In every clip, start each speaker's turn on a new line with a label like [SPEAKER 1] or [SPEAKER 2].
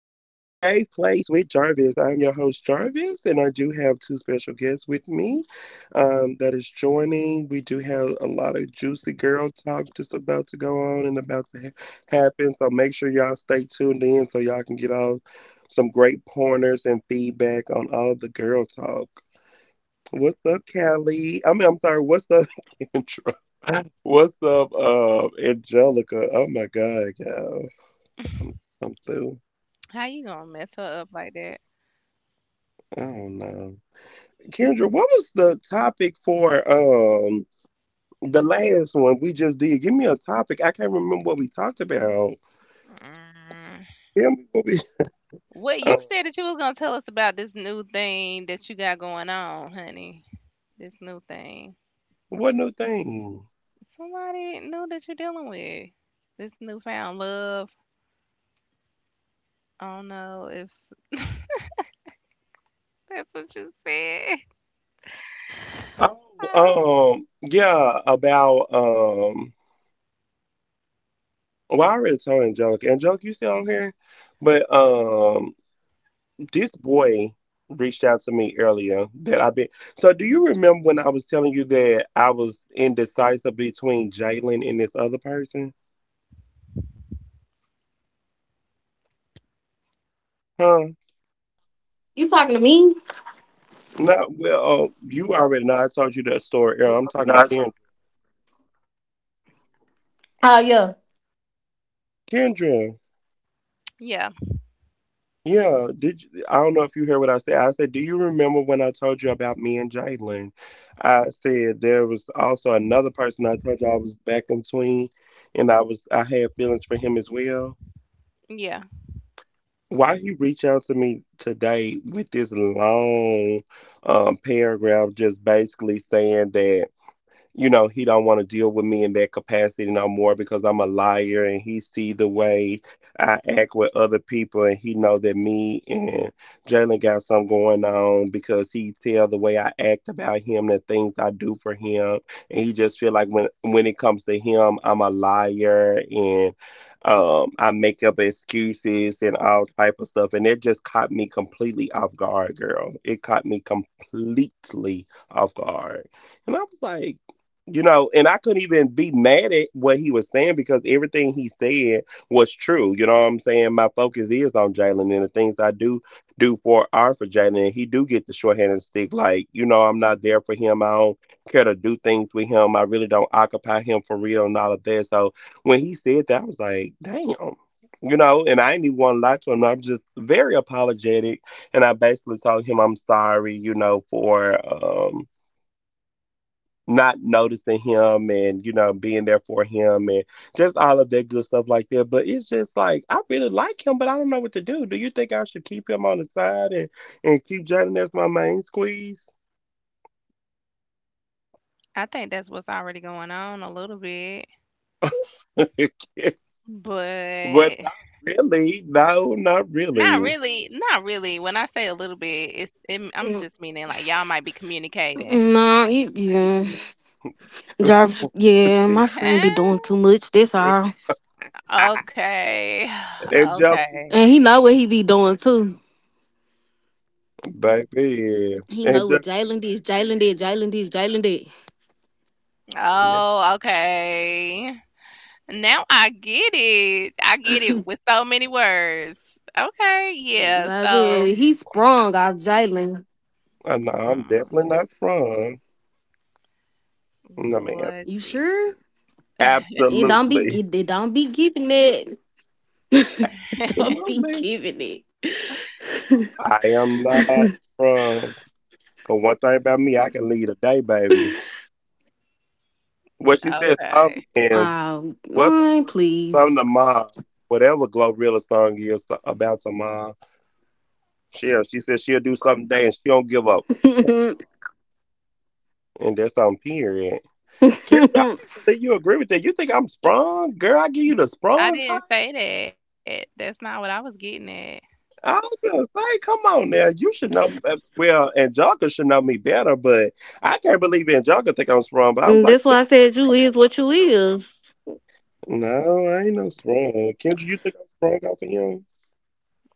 [SPEAKER 1] place with Jarvis. I am your host, Jarvis, and I do have two special guests with me that is joining. We do have a lot of juicy girl talk just about to go on and about to happen. So make sure y'all stay tuned in so y'all can get all some great pointers and feedback on all of the girl talk. What's up, Callie? I mean, I'm sorry. What's up, Kendra? What's up, Angelica? Oh my God, y'all come come through.
[SPEAKER 2] How you gonna mess her up like that?
[SPEAKER 1] I don't know. Kendra, what was the topic for the last one we just did? Give me a topic. I can't remember what we talked about.
[SPEAKER 2] Mm.
[SPEAKER 1] Tell me what we
[SPEAKER 2] What
[SPEAKER 1] uh,
[SPEAKER 2] you said that you was gonna tell us about this new thing that you got going on, honey. This new thing.
[SPEAKER 1] what new thing?
[SPEAKER 2] Somebody new that you're dealing with. This newfound love. I don't know if that's what you said. Oh.
[SPEAKER 1] Oh, yeah, about well I already told Angelica. Angelica, you still on here? But. This boy reached out to me earlier that I've been. So, do you remember when I was telling you that I was indecisive between Jalen and this other person? Huh?
[SPEAKER 3] You talking to me?
[SPEAKER 1] No, well, you already know. I told you that story earlier. I'm talking to Kendra.
[SPEAKER 3] Oh yeah.
[SPEAKER 1] Kendra,
[SPEAKER 2] Yeah,
[SPEAKER 1] yeah. Did you, I don't know if you heard what I said. I said, do you remember when I told you about me and Jalen? I said there was also another person I told you I was back in between, and I had feelings for him as well.
[SPEAKER 2] yeah.
[SPEAKER 1] Why he reached out to me today with this long paragraph, just basically saying that you know he don't want to deal with me in that capacity no more because I'm a liar, and he see the way I act with other people, and he know that me and Jalen got something going on because he tell the way I act about him, the things I do for him. And he just feel like when it comes to him, I'm a liar, and I make up excuses and all type of stuff. And it just caught me completely off guard, girl. It caught me completely off guard, and I was like, you know, and I couldn't even be mad at what he was saying because everything he said was true. You know what I'm saying? My focus is on Jalen, and the things I do for are for Jalen. And he do get the shorthanded stick. Like, you know, I'm not there for him. I don't care to do things with him. I really don't occupy him for real and all of that. So when he said that, I was like, damn. You know, and I ain't even want to lie to him. I'm just very apologetic. And I basically told him I'm sorry, you know, for not noticing him and you know being there for him and just all of that good stuff like that. But it's just like I really like him, but I don't know what to do. Do you think I should keep him on the side and keep Jordan as my main squeeze?
[SPEAKER 2] I think that's what's already going on a little bit,
[SPEAKER 1] But not
[SPEAKER 2] but
[SPEAKER 1] really. No, not
[SPEAKER 2] not
[SPEAKER 1] really.
[SPEAKER 2] really. Not really. When I say a little bit, I'm
[SPEAKER 3] Mm,
[SPEAKER 2] just meaning like y'all might be communicating.
[SPEAKER 3] Nah, yeah. Jarvis, yeah, my friend be doing too much. That's all.
[SPEAKER 2] Okay.
[SPEAKER 1] Angelica,
[SPEAKER 2] Okay.
[SPEAKER 3] And he know what he be doing too.
[SPEAKER 1] baby.
[SPEAKER 3] He know what
[SPEAKER 1] Angelica,
[SPEAKER 3] Jalen did.
[SPEAKER 1] yes.
[SPEAKER 2] Oh, okay. Now I get it. I get it with so many words. Okay, yeah. So,
[SPEAKER 3] Baby, he sprung off Jalen.
[SPEAKER 1] No, I'm
[SPEAKER 2] mm,
[SPEAKER 1] definitely not sprung. No, man.
[SPEAKER 2] Lord
[SPEAKER 3] You sure?
[SPEAKER 2] Jesus.
[SPEAKER 3] It don't be
[SPEAKER 1] Absolutely.
[SPEAKER 3] it, it don't be giving it. It don't be
[SPEAKER 1] Absolutely,
[SPEAKER 3] giving it.
[SPEAKER 1] I am not from. Cause one thing about me, I can lead a day, baby. What she said, some
[SPEAKER 2] Okay.
[SPEAKER 1] and what's her
[SPEAKER 3] Man,
[SPEAKER 1] song? Some
[SPEAKER 3] please.
[SPEAKER 1] to mom, whatever Glorilla song is about tomorrow. She said she'll do something today and she don't give up
[SPEAKER 3] That's
[SPEAKER 1] tomorrow. And that's on period. Kendra, I can't believe you agree with that. You think I'm sprung, girl? I give you the sprung
[SPEAKER 2] I
[SPEAKER 1] type.
[SPEAKER 2] didn't say that. That's not what I was getting at.
[SPEAKER 1] I was gonna say, come on now, you should know. Well, Angelica should know me better, but I can't believe Angelica think I'm sprung. But I was like.
[SPEAKER 3] why I said you is what you is.
[SPEAKER 1] No, I ain't no sprung. Kendra, you think I'm sprung off of him?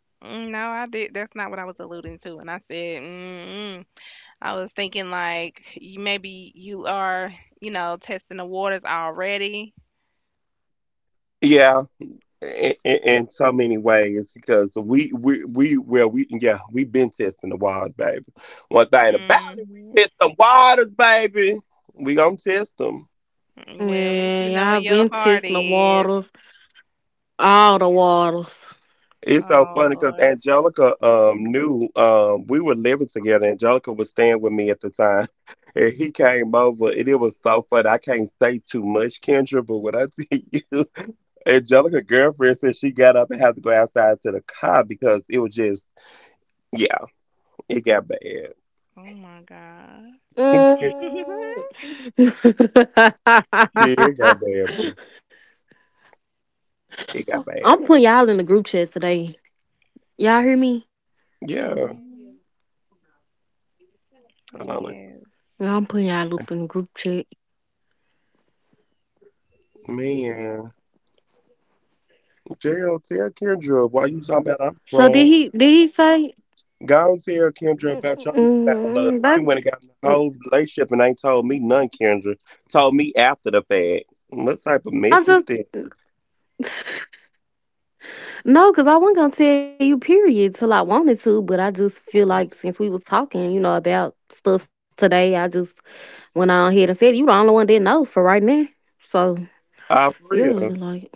[SPEAKER 2] Mm, no, I did. That's not what I was alluding to. And I said, mm-mm. I was thinking like you, maybe you are, testing the waters already.
[SPEAKER 1] Yeah. In so many ways, because we well we yeah we been testing the waters, baby. One thing about it, we test
[SPEAKER 2] Mhm.
[SPEAKER 1] the waters, baby. We gonna test them.
[SPEAKER 2] Well, at
[SPEAKER 3] Yeah,
[SPEAKER 2] least you
[SPEAKER 3] y'all
[SPEAKER 2] know where
[SPEAKER 3] been
[SPEAKER 2] your
[SPEAKER 3] testing
[SPEAKER 2] heart
[SPEAKER 3] the
[SPEAKER 2] is.
[SPEAKER 3] waters, all the waters.
[SPEAKER 1] It's so funny
[SPEAKER 2] Oh,
[SPEAKER 1] because
[SPEAKER 2] Lord.
[SPEAKER 1] Angelica knew we were living together. Angelica was staying with me at the time, and he came over, and it was so funny. I can't say too much, Kendra, but what I tell you. Angelica girlfriend said she got up and had to go outside to the car because it was just yeah, it got bad. It-
[SPEAKER 2] Oh my God.
[SPEAKER 3] Mm.
[SPEAKER 1] Yeah, it got bad, boo. It got bad.
[SPEAKER 3] I'm putting y'all in the group chat today. Y'all hear me?
[SPEAKER 1] Yeah.
[SPEAKER 2] Mhm.
[SPEAKER 1] Hold on.
[SPEAKER 2] Yes.
[SPEAKER 3] Yeah, I'm putting y'all
[SPEAKER 1] A-
[SPEAKER 3] up in the group chat.
[SPEAKER 1] Man. Jail, tell Kendra why you talking about I'm
[SPEAKER 3] So did
[SPEAKER 1] wrong.
[SPEAKER 3] he? Did he say?
[SPEAKER 1] Go and tell Kendra about your newfound love.
[SPEAKER 3] Mm-mm.
[SPEAKER 1] You went and got in a whole relationship and ain't told me none, Kendra. Told me after the fact. What type of mess
[SPEAKER 3] I
[SPEAKER 1] is
[SPEAKER 3] just
[SPEAKER 1] that?
[SPEAKER 3] no, cause I wasn't gonna tell you. Period. Till I wanted to, but I just feel like since we was talking, you know, about stuff today, I just went on ahead and said it. You the only one that know for right now. So
[SPEAKER 1] For
[SPEAKER 3] yeah,
[SPEAKER 1] real.
[SPEAKER 3] like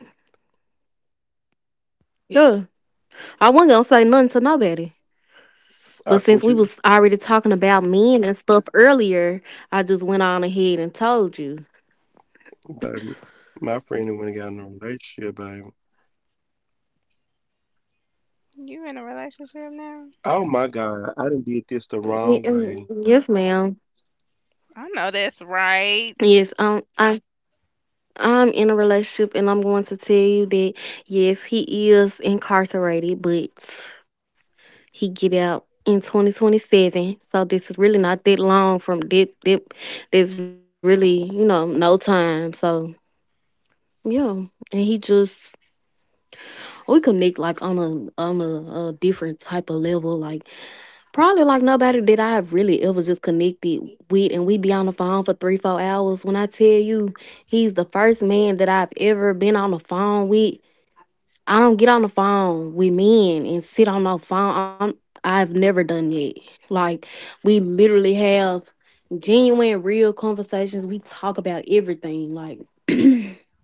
[SPEAKER 3] yeah, I wasn't gonna say nothing to nobody.
[SPEAKER 1] Uh,
[SPEAKER 3] But since
[SPEAKER 1] would
[SPEAKER 3] we
[SPEAKER 1] you,
[SPEAKER 3] was already talking about men and stuff earlier, I just went on ahead and told you.
[SPEAKER 1] baby, my friend who went and got in a relationship, baby.
[SPEAKER 2] You in a relationship now?
[SPEAKER 1] Oh my God, I done did this the wrong way.
[SPEAKER 3] Yes, ma'am.
[SPEAKER 2] I know that's right.
[SPEAKER 3] Yes, I'm in a relationship, and I'm going to tell you that yes, he is incarcerated, but he get out in 2027, so this is really not that long from that, there's really, you know, no time. So yeah, and he just, we connect like on a different type of level, like probably like nobody that I've really ever just connected with, and we be on the phone for 3 4 hours. When I tell you, he's the first man that I've ever been on the phone with. I don't get on the phone with men and sit on no phone. I've never done that. Like we literally have genuine, real conversations. We talk about everything. Like he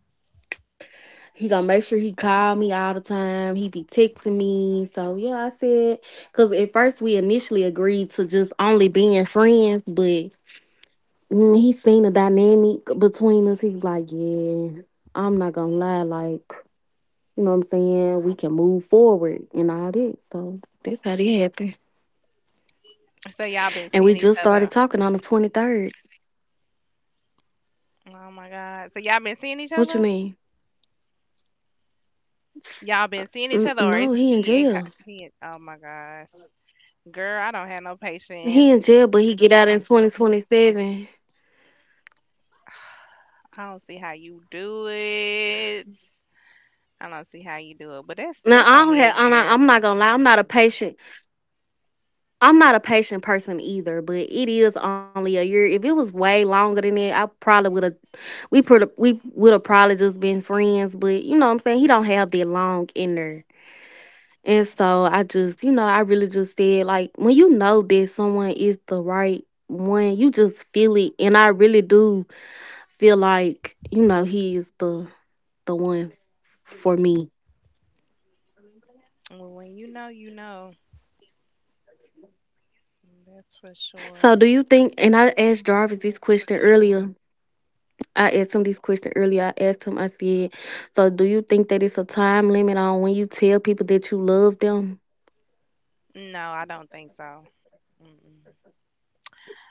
[SPEAKER 3] gonna make sure he call me all the time. He be texting me. So yeah, I said because at first we initially agreed to just only being friends, but he seen the dynamic between us. He was like, yeah, I'm not gonna lie, like. You know what I'm saying? We can move forward and all that. So that's how that happened.
[SPEAKER 2] So y'all been
[SPEAKER 3] And
[SPEAKER 2] seeing
[SPEAKER 3] we
[SPEAKER 2] each
[SPEAKER 3] just
[SPEAKER 2] other.
[SPEAKER 3] started talking on the 23rd.
[SPEAKER 2] Oh my God. So y'all been seeing each
[SPEAKER 3] What you
[SPEAKER 2] other?
[SPEAKER 3] mean?
[SPEAKER 2] Y'all been seeing each other, or is
[SPEAKER 3] No, he in
[SPEAKER 2] he in?
[SPEAKER 3] jail.
[SPEAKER 2] He in, oh my gosh, girl, I don't have no
[SPEAKER 3] He
[SPEAKER 2] patience.
[SPEAKER 3] in jail, but he get out in 2027.
[SPEAKER 2] I don't see how you do it. I don't see how you do it. But that's
[SPEAKER 3] Now
[SPEAKER 2] that's
[SPEAKER 3] I don't
[SPEAKER 2] only
[SPEAKER 3] have.
[SPEAKER 2] a year.
[SPEAKER 3] I'm not gonna lie. I'm not a patient person either. But it is only a year. If it was way longer than that, I probably would have. We put. We would have probably just been friends. But you know what I'm saying, he don't have that long in there. And so I just, you know, I really just said, like, when you know that someone is the right one, you just feel it. And I really do feel like, you know, he is the one for me.
[SPEAKER 2] Well, when you know, you know. That's for
[SPEAKER 3] So
[SPEAKER 2] sure.
[SPEAKER 3] do you think, and I asked Jarvis this question earlier. I asked him this question earlier. I asked him, I said, so do you think that it's a time limit on when you tell people that you love them?
[SPEAKER 2] No, I don't think so. Mm-mm.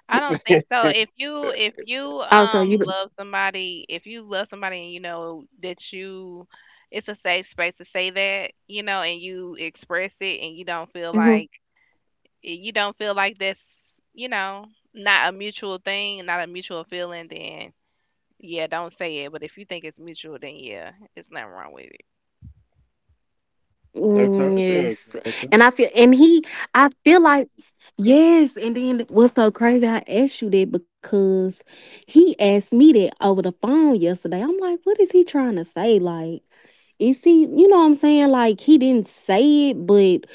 [SPEAKER 2] I don't think so. If you if you
[SPEAKER 3] Also, you
[SPEAKER 2] um love somebody, if you love somebody and you know that you it's a safe space to say that, you know, and you express it and you don't feel
[SPEAKER 3] Mhm.
[SPEAKER 2] like you don't feel like that's, not a mutual thing, not a mutual feeling, then yeah, don't say it. But if you think it's mutual, then yeah, it's nothing wrong with it.
[SPEAKER 1] I told you,
[SPEAKER 3] Yes.
[SPEAKER 1] Angelica.
[SPEAKER 3] And I feel and he I feel like yes. And then what's so crazy, I asked you that because he asked me that over the phone yesterday. I'm like, what is he trying to say? Like, is he, you know what I'm saying? Like he didn't say it, but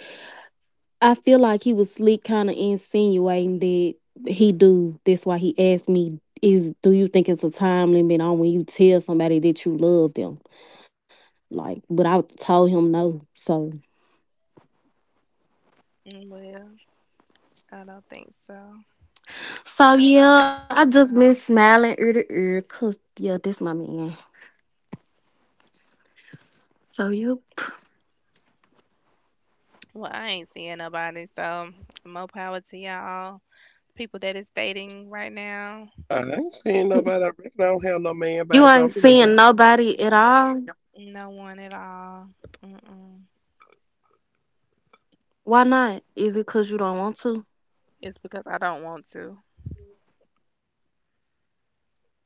[SPEAKER 3] I feel like he was slick kind of insinuating that he do. That's why he asked me, is do you think it's a time limit on when you tell somebody that you love them? Like, but I told him no. So.
[SPEAKER 2] Mm, well, I don't think so.
[SPEAKER 3] So yeah, I just been smiling ear to ear cause yeah, this my man. So you
[SPEAKER 2] Well, I ain't seeing nobody, so more power to y'all. People that is dating right now,
[SPEAKER 1] I ain't seeing nobody. I reckon I don't have no man,
[SPEAKER 3] you
[SPEAKER 1] baby.
[SPEAKER 3] ain't
[SPEAKER 1] I'm in a
[SPEAKER 3] seeing
[SPEAKER 1] day.
[SPEAKER 3] nobody at all.
[SPEAKER 2] no one at all. Mm-mm.
[SPEAKER 3] Why not? Is it cause you don't want to?
[SPEAKER 2] It's because I don't want to.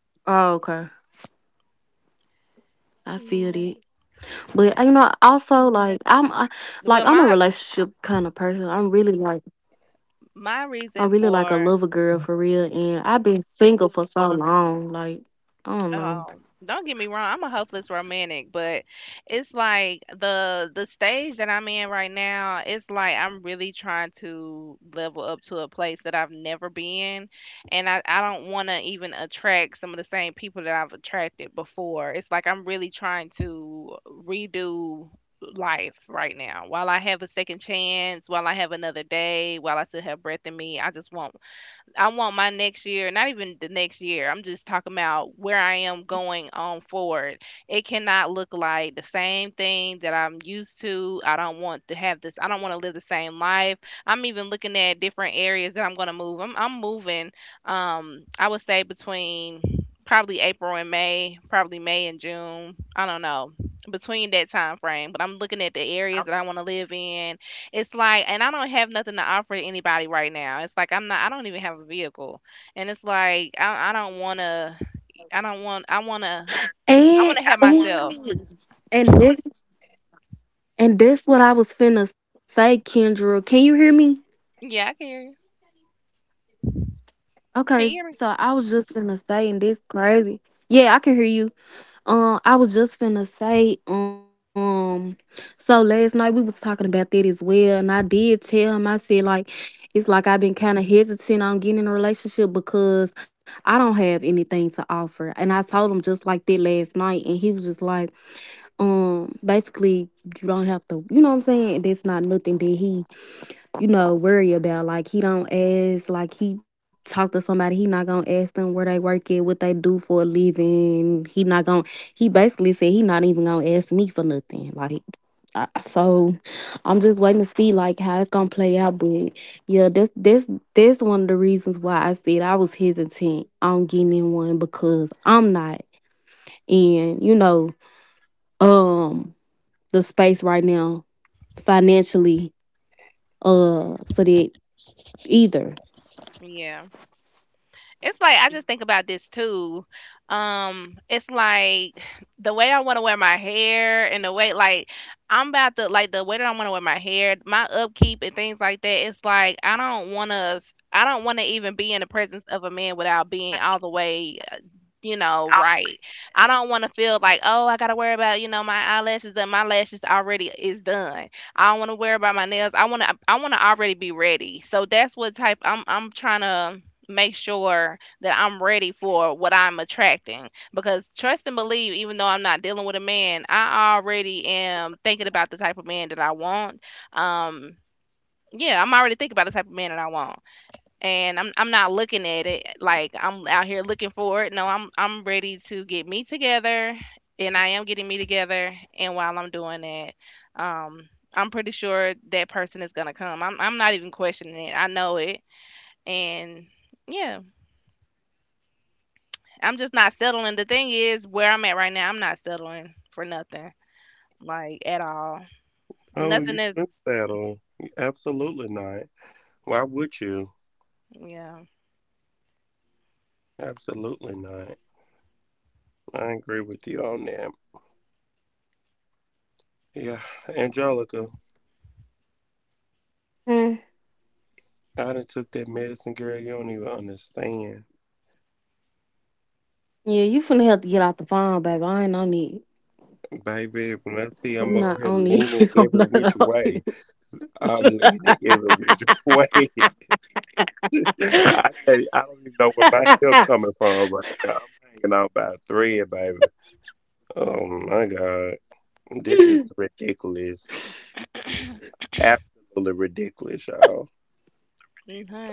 [SPEAKER 3] Oh, okay. I feel it,
[SPEAKER 2] Yeah.
[SPEAKER 3] but you know, also like like
[SPEAKER 2] Well,
[SPEAKER 3] I'm a
[SPEAKER 2] my
[SPEAKER 3] relationship kind of person.
[SPEAKER 2] my
[SPEAKER 3] I'm
[SPEAKER 2] reason
[SPEAKER 3] really like a
[SPEAKER 2] for
[SPEAKER 3] lover girl for real, and I've been single for so long. Like, I don't know.
[SPEAKER 2] Don't get me wrong, I'm a hopeless romantic, but it's like the stage that I'm in right now, it's like I'm really trying to level up to a place that I've never been, and I don't want to even attract some of the same people that I've attracted before. It's like I'm really trying to redo life right now. While I have a second chance, while I have another day, while I still have breath in me, I want my next year, not even the next year. I'm just talking about where I am going on forward. It cannot look like the same thing that I'm used to. I don't want to have this. I don't want to live the same life. I'm even looking at different areas that I'm going to move. I'm moving I would say between probably April and May, probably May and June. I don't know. Between that time frame, but I'm looking at the areas that I want to live in it's like, and I don't have nothing to offer anybody right now. It's like I'm not. I don't even have a vehicle, and it's like I don't want to. I don't want. I want to. I want
[SPEAKER 3] And
[SPEAKER 2] to have myself.
[SPEAKER 3] ooh, and this and this what I was finna say, Kendra. Can you hear me?
[SPEAKER 2] Yeah, I can hear you. Can you
[SPEAKER 3] Okay,
[SPEAKER 2] hear
[SPEAKER 3] so I was just finna say, and this crazy. Yeah, I can hear you. I was just finna say, so last night we was talking about that as well, and I did tell him, I said like, it's like I've been kind of hesitant on getting in a relationship because I don't have anything to offer, and I told him just like that last night, and he was just like, basically you don't have to, you know what I'm saying? That's not nothing that he, you know, worry about. Like he don't ask, like he talk to somebody, he not gonna ask them where they work at, what they do for a living. He basically said he not even gonna ask me for nothing. So I'm just waiting to see like how it's gonna play out. But yeah, that's one of the reasons why I said I was hesitant on getting in one because I'm not in, you know, um the space right now financially for that either.
[SPEAKER 2] me? Yeah. It's like I just think about this too. It's like the way I want to wear my hair and the way like I'm about to like the way that I want to wear my hair, my upkeep and things like that. It's like I don't want to even be in the presence of a man without being all the way right. I don't want to feel like, oh, I gotta worry about, my eyelashes and my lashes already is done. I don't want to worry about my nails. I want to already be ready. So that's what type I'm trying to make sure that I'm ready for what I'm attracting. Because trust and believe, even though I'm not dealing with a man, I already am thinking about the type of man that I want. Um, yeah, I'm already thinking about the type of man that I want and I'm not looking at it like I'm out here looking for it. No, I'm ready to get me together, and I am getting me together. And while I'm doing that, um, I'm pretty sure that person is gonna come. I'm not even questioning it. I know it, and yeah, I'm just not settling. The thing is, where I'm at right now, I'm not settling for nothing, like at all.
[SPEAKER 1] Oh, you
[SPEAKER 2] Nothing is,
[SPEAKER 1] think that on? Absolutely not. Why would you?
[SPEAKER 2] yeah,
[SPEAKER 1] Absolutely not. I agree with you on that. Yeah, Angelica, I done took that medicine, girl. You don't even understand.
[SPEAKER 3] Yeah, you finna have to get out the phone, baby. I ain't on it.
[SPEAKER 1] Baby, when I
[SPEAKER 3] I'm
[SPEAKER 1] see
[SPEAKER 3] not
[SPEAKER 1] I'm
[SPEAKER 3] on
[SPEAKER 1] over here
[SPEAKER 3] it. I'm
[SPEAKER 1] leaning
[SPEAKER 3] not
[SPEAKER 1] every
[SPEAKER 3] on
[SPEAKER 1] which
[SPEAKER 3] it.
[SPEAKER 1] way, I'm leaning every which way. I I don't even know where my help coming from right now. I'm hanging out by a thread, baby. Oh my God. This is ridiculous. Absolutely ridiculous, y'all.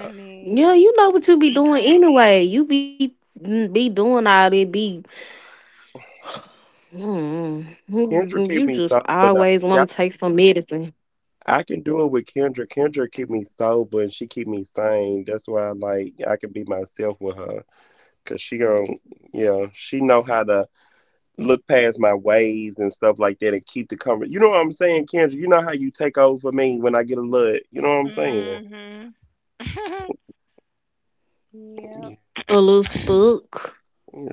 [SPEAKER 1] Uh,
[SPEAKER 3] Yeah, you know what you be doing anyway. Be doing all that.
[SPEAKER 1] Kendra
[SPEAKER 3] You
[SPEAKER 1] keep
[SPEAKER 3] just
[SPEAKER 1] me sober
[SPEAKER 3] always
[SPEAKER 1] though. See,
[SPEAKER 3] want to take some medicine.
[SPEAKER 1] I can do it with Kendra. Kendra keep me sober and she keep me sane. That's why I like I can be myself with her. Cause she don't, yeah, she know how to look past my ways and stuff like that and keep the conversation. You know what I'm saying, Kendra? You know how you take over for me when I get a look. You know what I'm saying?
[SPEAKER 2] Mhm. Yep.
[SPEAKER 1] Yeah,
[SPEAKER 3] A little stuck.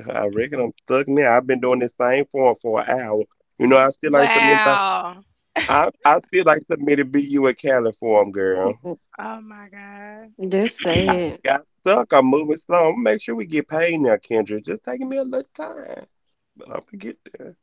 [SPEAKER 1] I reckon I'm stuck now. I've been doing this same form for an hour. You know, I still ain't submitted.
[SPEAKER 2] Wow.
[SPEAKER 1] I still ain't submitted BU at Cali form, girl.
[SPEAKER 3] Mm,
[SPEAKER 2] Oh my God.
[SPEAKER 3] That's
[SPEAKER 1] I done
[SPEAKER 3] sad.
[SPEAKER 1] got stuck. I'm moving slow. I'm gonna make sure we get paid now, Kendra. It's just taking me a little time, but I'm gonna get there.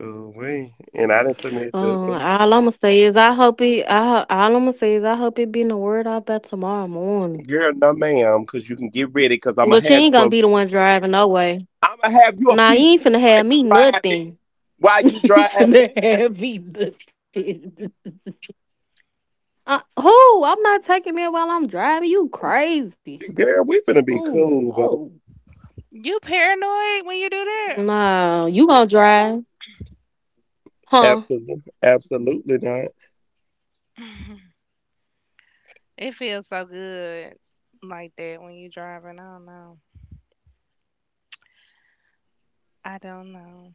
[SPEAKER 1] Oh, wait. And I didn't submit the
[SPEAKER 3] All I'ma say is I hope it. I ho- All I'ma say is I hope it be in the word out by tomorrow morning.
[SPEAKER 1] girl, no, ma'am, because you can get ready because I'm
[SPEAKER 3] But
[SPEAKER 1] gonna
[SPEAKER 3] you
[SPEAKER 1] have
[SPEAKER 3] ain't gonna
[SPEAKER 1] you
[SPEAKER 3] be the one driving no way.
[SPEAKER 1] I'ma have you a
[SPEAKER 3] Nah,
[SPEAKER 1] piece
[SPEAKER 3] you ain't
[SPEAKER 1] ready
[SPEAKER 3] finna
[SPEAKER 1] while
[SPEAKER 3] have
[SPEAKER 1] you
[SPEAKER 3] me
[SPEAKER 1] driving.
[SPEAKER 3] nothing.
[SPEAKER 1] While you
[SPEAKER 3] Finna
[SPEAKER 1] driving,
[SPEAKER 3] have me looking. Who? I'm not taking that while I'm driving. You crazy?
[SPEAKER 1] girl, we finna be
[SPEAKER 3] Who?
[SPEAKER 1] cool, but
[SPEAKER 3] Oh,
[SPEAKER 2] You paranoid when you do that?
[SPEAKER 3] no. Nah, you gonna drive? Huh?
[SPEAKER 1] absolutely, absolutely not.
[SPEAKER 2] It feels so good like that when you driving. I don't know. I don't know.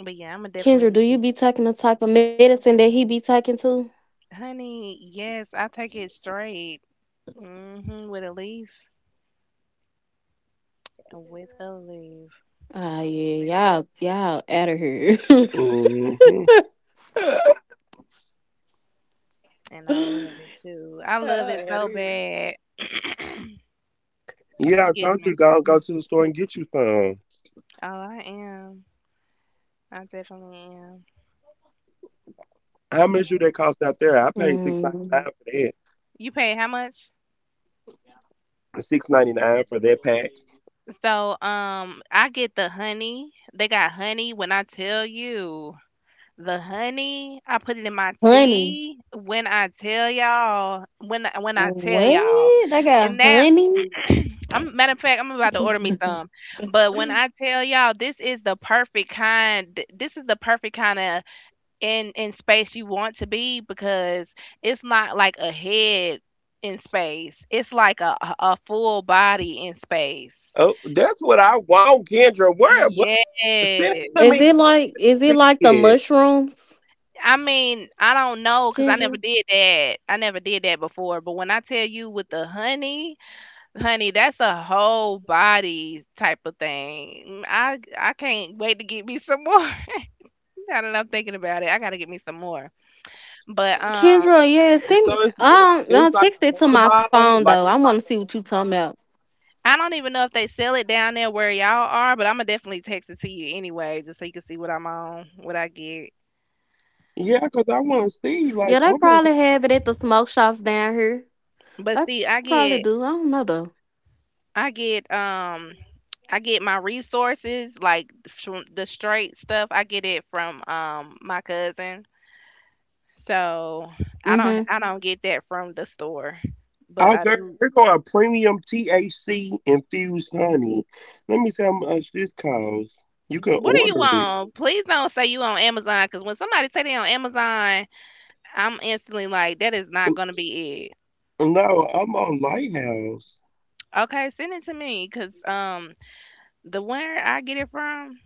[SPEAKER 2] But yeah, I'm gonna definitely
[SPEAKER 3] Kendra,
[SPEAKER 2] look
[SPEAKER 3] do you be taking the type of medicine that he be taking too?
[SPEAKER 2] at honey, yes, I take it straight. With a leaf. With a leaf.
[SPEAKER 3] Ah, yeah, y'all out of here.
[SPEAKER 1] Hmm
[SPEAKER 3] Y'all
[SPEAKER 2] And I love it too. I love it
[SPEAKER 3] out
[SPEAKER 2] so
[SPEAKER 3] here.
[SPEAKER 2] bad.
[SPEAKER 1] Yeah, I
[SPEAKER 2] Excuse
[SPEAKER 1] told you,
[SPEAKER 2] me.
[SPEAKER 1] go to the store and get you some.
[SPEAKER 2] Oh, I am. I definitely am.
[SPEAKER 1] How much do that cost out there? I paid 6.99
[SPEAKER 3] Mm,
[SPEAKER 1] for that.
[SPEAKER 2] You pay how much?
[SPEAKER 1] 6.99 for that pack.
[SPEAKER 2] So, I get the honey. They got honey when I tell you. The honey, I put it in my
[SPEAKER 3] Honey,
[SPEAKER 2] tea. When I tell y'all, when I tell y'all,
[SPEAKER 3] what? I got
[SPEAKER 2] and that
[SPEAKER 3] honey.
[SPEAKER 2] I'm matter of fact, I'm about to order me some. But when I tell y'all, this is the perfect kind. This is the perfect kind of in space you want to be because it's not like a head in space. It's like a full body in space.
[SPEAKER 1] Oh, that's what I want, Kendra. Where? What? Send it
[SPEAKER 2] Yes.
[SPEAKER 1] to me
[SPEAKER 3] Is
[SPEAKER 1] now.
[SPEAKER 3] it
[SPEAKER 1] Let me
[SPEAKER 3] like the
[SPEAKER 1] see it.
[SPEAKER 3] mushrooms,
[SPEAKER 2] I mean, I don't know, cause I
[SPEAKER 3] Kendra?
[SPEAKER 2] never did that. I never did that before, but when I tell you with the honey, honey, that's a whole body type of thing. I can't wait to get me some more. Now that I'm thinking about it, I gotta get me some more. But
[SPEAKER 3] Kendra, yeah, send
[SPEAKER 1] So
[SPEAKER 3] me.
[SPEAKER 1] it's it's
[SPEAKER 3] Don't
[SPEAKER 1] like
[SPEAKER 3] text
[SPEAKER 1] a
[SPEAKER 3] it to
[SPEAKER 1] honey
[SPEAKER 3] my phone
[SPEAKER 1] bottle,
[SPEAKER 3] though.
[SPEAKER 1] like
[SPEAKER 3] I want to see what you talking about.
[SPEAKER 2] I don't even know if they sell it down there where y'all are, but I'm gonna definitely text it to you anyway, just so you can see what I'm on, what I get.
[SPEAKER 1] yeah, 'cause I want to see, like,
[SPEAKER 3] Yeah, they
[SPEAKER 1] oh my.
[SPEAKER 3] probably have it at the smoke shops down here.
[SPEAKER 2] But
[SPEAKER 3] They
[SPEAKER 2] see,
[SPEAKER 3] probably do. I don't know though.
[SPEAKER 2] I get um I get my resources like from the straight stuff. I get it from my cousin. So I
[SPEAKER 3] Mm-hmm.
[SPEAKER 2] don't I don't get that from the store. But
[SPEAKER 1] Oh,
[SPEAKER 2] I
[SPEAKER 1] girl,
[SPEAKER 2] do.
[SPEAKER 1] here go a premium THC infused honey. Let me see how much this costs. You can
[SPEAKER 2] What are you
[SPEAKER 1] order it.
[SPEAKER 2] on? Please don't say you on Amazon because when somebody say they on Amazon, I'm instantly like that is
[SPEAKER 1] N-
[SPEAKER 2] not gonna be it.
[SPEAKER 1] No, I'm on Lighthouse.
[SPEAKER 2] Okay, send it to me because the where I get it from,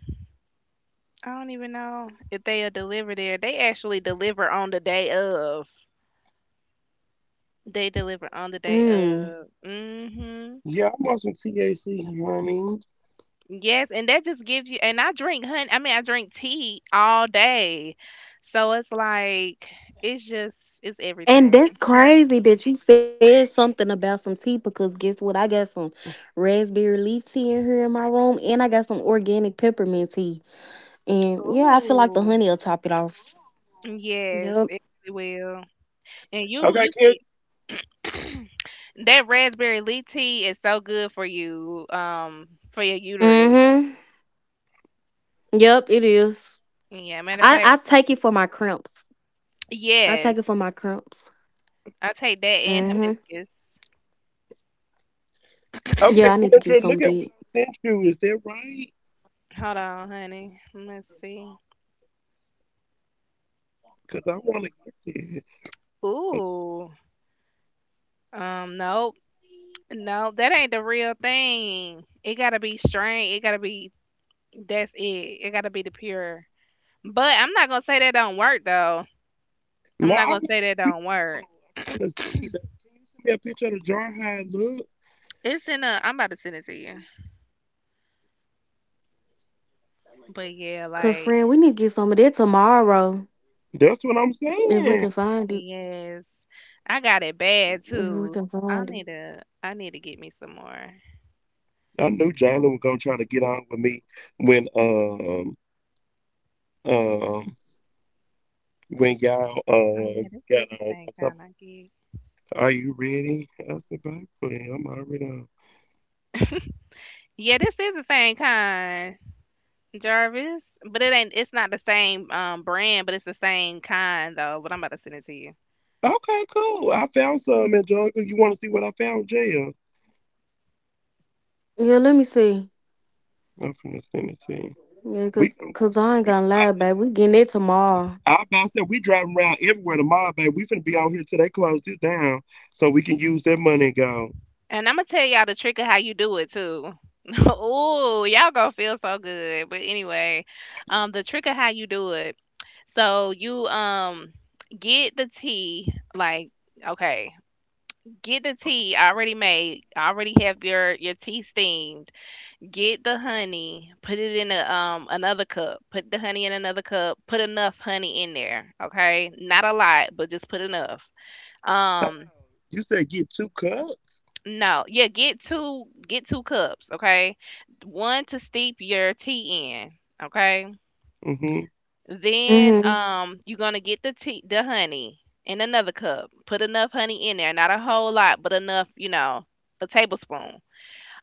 [SPEAKER 2] I don't even know if they'll deliver there. They actually deliver on the day of. They deliver on the day
[SPEAKER 3] Mm.
[SPEAKER 2] of.
[SPEAKER 1] Yeah, I'm on some THC honey.
[SPEAKER 2] Yes, and that just gives you and I drink honey I mean I drink tea all day. So it's like it's just it's
[SPEAKER 3] And that's
[SPEAKER 2] everything.
[SPEAKER 3] crazy that you said something about some tea because guess what? I got some raspberry leaf tea in here in my room, and I got some organic peppermint tea. And yeah, I feel like the
[SPEAKER 2] Ooh.
[SPEAKER 3] honey will top it off.
[SPEAKER 2] Yes, it
[SPEAKER 3] Yep.
[SPEAKER 2] really will. And you
[SPEAKER 1] Okay,
[SPEAKER 2] you
[SPEAKER 1] Kendra,
[SPEAKER 2] could that raspberry leaf tea is so good for you, for your uterus.
[SPEAKER 3] Mm-hmm. Yep, it is.
[SPEAKER 2] Yeah,
[SPEAKER 3] I
[SPEAKER 2] matter
[SPEAKER 3] I
[SPEAKER 2] of fact,
[SPEAKER 3] take it for my cramps. I take it for my
[SPEAKER 2] yes.
[SPEAKER 3] cramps.
[SPEAKER 2] I take that
[SPEAKER 3] Hmm.
[SPEAKER 2] and hibiscus.
[SPEAKER 3] Yeah, I need to
[SPEAKER 1] okay,
[SPEAKER 3] get some of
[SPEAKER 1] Kendra, look
[SPEAKER 3] that.
[SPEAKER 1] at what I sent you. Is that right?
[SPEAKER 2] Hold on, honey. Let's see.
[SPEAKER 1] Because I want to get that.
[SPEAKER 2] Ooh. Nope. No, that ain't the real thing. It gotta be straight. It gotta be that's it. It gotta be the pure. But I'm not gonna say that don't work though.
[SPEAKER 1] No,
[SPEAKER 2] I'm
[SPEAKER 1] I
[SPEAKER 2] not
[SPEAKER 1] want
[SPEAKER 2] gonna say that
[SPEAKER 1] what you
[SPEAKER 2] don't work.
[SPEAKER 1] want. I'm trying to see. That. Can you send me a picture of the jar how it look?
[SPEAKER 2] It's in a. I'm about to send it to you. But yeah,
[SPEAKER 3] Cause
[SPEAKER 2] like
[SPEAKER 3] friend, we need to get some of that tomorrow
[SPEAKER 1] That's what I'm
[SPEAKER 3] if we
[SPEAKER 1] saying.
[SPEAKER 3] can find it.
[SPEAKER 2] yes, I got it bad
[SPEAKER 3] If
[SPEAKER 2] too.
[SPEAKER 3] we can
[SPEAKER 2] I
[SPEAKER 3] find
[SPEAKER 2] need
[SPEAKER 3] it.
[SPEAKER 2] to. I need to get me some more.
[SPEAKER 1] I knew Johnny was gonna try to get on with me when um Um, when y'all
[SPEAKER 2] Oh yeah, this
[SPEAKER 1] got
[SPEAKER 2] is the
[SPEAKER 1] on,
[SPEAKER 2] same
[SPEAKER 1] I told
[SPEAKER 2] kind
[SPEAKER 1] my-
[SPEAKER 2] I get.
[SPEAKER 1] are you ready? I said, baby, please, I'm already on.
[SPEAKER 2] Yeah, this is the same kind, Jarvis. But it ain't. It's not the same brand, but it's the same kind though. But I'm about to send it to you.
[SPEAKER 1] Okay, cool. I found some, Angelica. You want to see what I found, Jail?
[SPEAKER 3] Yeah, let me see.
[SPEAKER 1] I'm from the Senate team.
[SPEAKER 3] Yeah,
[SPEAKER 1] We
[SPEAKER 3] cause,
[SPEAKER 1] go,
[SPEAKER 3] cause I ain't
[SPEAKER 1] we
[SPEAKER 3] gonna lie,
[SPEAKER 1] driving.
[SPEAKER 3] babe. We getting it tomorrow.
[SPEAKER 1] I about said we driving around everywhere tomorrow, baby. We finna be out here till they close this down, so we can use that money and go.
[SPEAKER 2] And I'm gonna tell y'all the trick of how you do it too. Ooh, y'all gonna feel so good. But anyway,
[SPEAKER 1] I just
[SPEAKER 2] the
[SPEAKER 1] sent
[SPEAKER 2] trick
[SPEAKER 1] you.
[SPEAKER 2] of how you do it. So you get the tea like okay, get the tea already made. Already have your tea steamed. Get the honey. Put it in a another cup. Put the honey in another cup. Put enough honey in there. Okay, not a lot, but just put enough.
[SPEAKER 1] Hold
[SPEAKER 2] Um,
[SPEAKER 1] on. You said get two cups.
[SPEAKER 2] No, yeah, get two cups, okay? One to steep your tea in, okay?
[SPEAKER 1] Mm-hmm.
[SPEAKER 2] Then
[SPEAKER 3] Mm-hmm.
[SPEAKER 2] you're gonna get the honey in another cup. Put enough honey in there, not a whole lot, but enough, a tablespoon.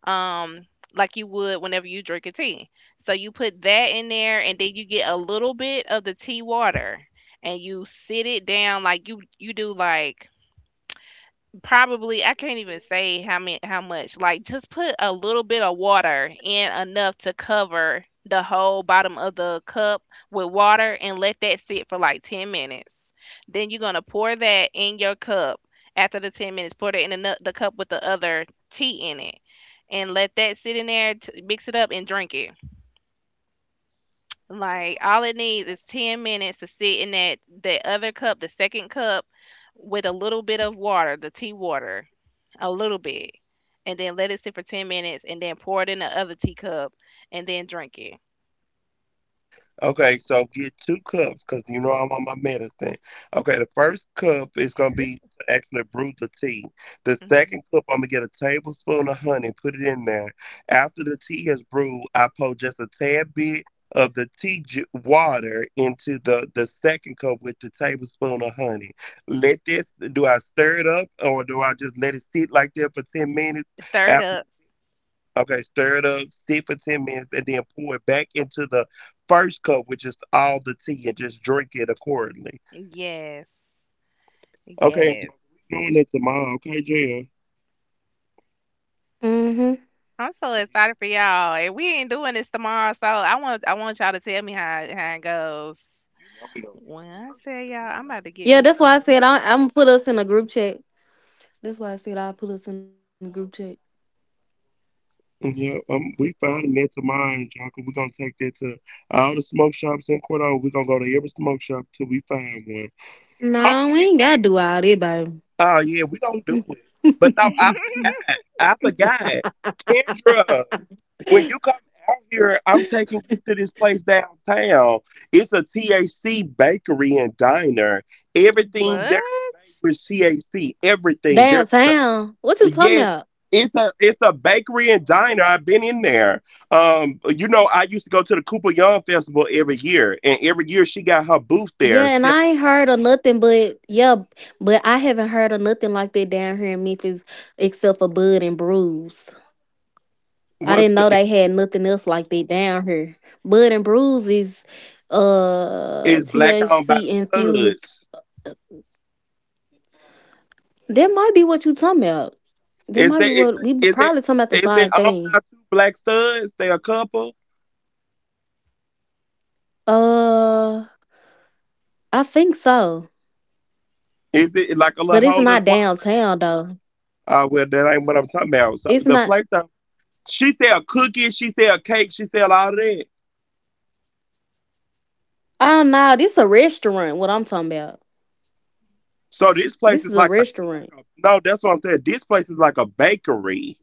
[SPEAKER 2] Um like you would whenever you drink a tea. So you put that in there and then you get a little bit of the tea water and you sit it down like you do like probably I can't even say how much. Like just put a little bit of water in, enough to cover the whole bottom of the cup with water, and let that sit for like 10 minutes. Then you're going to pour that in your cup. After the 10 minutes, pour it in the cup with the other tea in it and let that sit in there, mix it up and drink it. Like all it needs is 10 minutes to sit in that other cup, the second cup, with a little bit of water, the tea water, a little bit, and then let it sit for 10 minutes, and then pour it in the other teacup, and then drink it.
[SPEAKER 1] Okay, so get two cups because you know I'm on my medicine. Okay, the first cup is gonna be to actually brew the tea. The
[SPEAKER 2] Mhm.
[SPEAKER 1] second cup, I'm gonna get a tablespoon of honey, put it in there. After the tea is brewed, I pour just a tad bit of the water into the second cup with the tablespoon of honey. Let this. Do I stir it up or do I just let it sit like that for 10 minutes?
[SPEAKER 2] Stir it
[SPEAKER 1] After
[SPEAKER 2] up.
[SPEAKER 1] okay, stir it up, sit for 10 minutes, and then pour it back into the first cup, which is all the tea, and just drink it accordingly.
[SPEAKER 2] Yes.
[SPEAKER 1] Okay,
[SPEAKER 2] Yes.
[SPEAKER 1] Angelica, we're doing that tomorrow, okay, Jill? You
[SPEAKER 3] Mm-hmm.
[SPEAKER 2] I'm so excited for y'all. And we ain't doing this tomorrow, so I want y'all to tell me how it goes.
[SPEAKER 1] know we gonna
[SPEAKER 2] When I tell
[SPEAKER 1] get you
[SPEAKER 2] y'all, I'm about to get
[SPEAKER 3] Yeah,
[SPEAKER 2] me
[SPEAKER 3] that's why I
[SPEAKER 2] some.
[SPEAKER 3] said I, I'm gonna put us in a group chat. That's why I said I'll put us in a group chat.
[SPEAKER 1] up. Yeah, we finding that tomorrow, Angelica. We're gonna take that to all the smoke shops in Cordova. We're gonna go to every smoke shop till we find one. Oh,
[SPEAKER 3] No, we ain't gotta do all that, babe.
[SPEAKER 1] oh yeah, we gonna do it. But no, I forgot. I forgot. Kendra, when you come out here, I'm taking you to this place downtown. It's a THC bakery and diner. Everything
[SPEAKER 2] What?
[SPEAKER 1] there is made with THC. Everything there's
[SPEAKER 3] Downtown. What you talking
[SPEAKER 1] yes.
[SPEAKER 3] about?
[SPEAKER 1] It's a bakery and diner. I've been in there. I used to go to the Cooper Young Festival every year, and every year she got her booth there
[SPEAKER 3] Yeah, and
[SPEAKER 1] selling.
[SPEAKER 3] I ain't heard of nothing but yeah, but I haven't heard of nothing like that down here in Memphis except for Bud and Bruise. I
[SPEAKER 1] What's
[SPEAKER 3] didn't know
[SPEAKER 1] that?
[SPEAKER 3] they had nothing else like that down here. Bud and Bruise is
[SPEAKER 1] It's black owned by
[SPEAKER 3] THC
[SPEAKER 1] them
[SPEAKER 3] infused.
[SPEAKER 1] studs.
[SPEAKER 3] That might be what you talking about. That
[SPEAKER 1] Is
[SPEAKER 3] might
[SPEAKER 1] that
[SPEAKER 3] be
[SPEAKER 1] is
[SPEAKER 3] what we
[SPEAKER 1] is it
[SPEAKER 3] probably talking about the
[SPEAKER 1] is it
[SPEAKER 3] same
[SPEAKER 1] owned by
[SPEAKER 3] thing.
[SPEAKER 1] two black studs? They a couple?
[SPEAKER 3] Uh, I think so,
[SPEAKER 1] Is it like a little
[SPEAKER 3] but it's
[SPEAKER 1] hole in
[SPEAKER 3] not
[SPEAKER 1] the wall? Like
[SPEAKER 3] downtown though.
[SPEAKER 1] well, that ain't what I'm talking about. So
[SPEAKER 3] It's
[SPEAKER 1] the
[SPEAKER 3] not.
[SPEAKER 1] place, I, she sell cookies, she sell cake, she sell all that.
[SPEAKER 3] I don't know. This a restaurant. What I'm talking about.
[SPEAKER 1] So this place
[SPEAKER 3] This
[SPEAKER 1] is
[SPEAKER 3] is a
[SPEAKER 1] like
[SPEAKER 3] restaurant.
[SPEAKER 1] a no. That's what I'm saying. This place is like a bakery.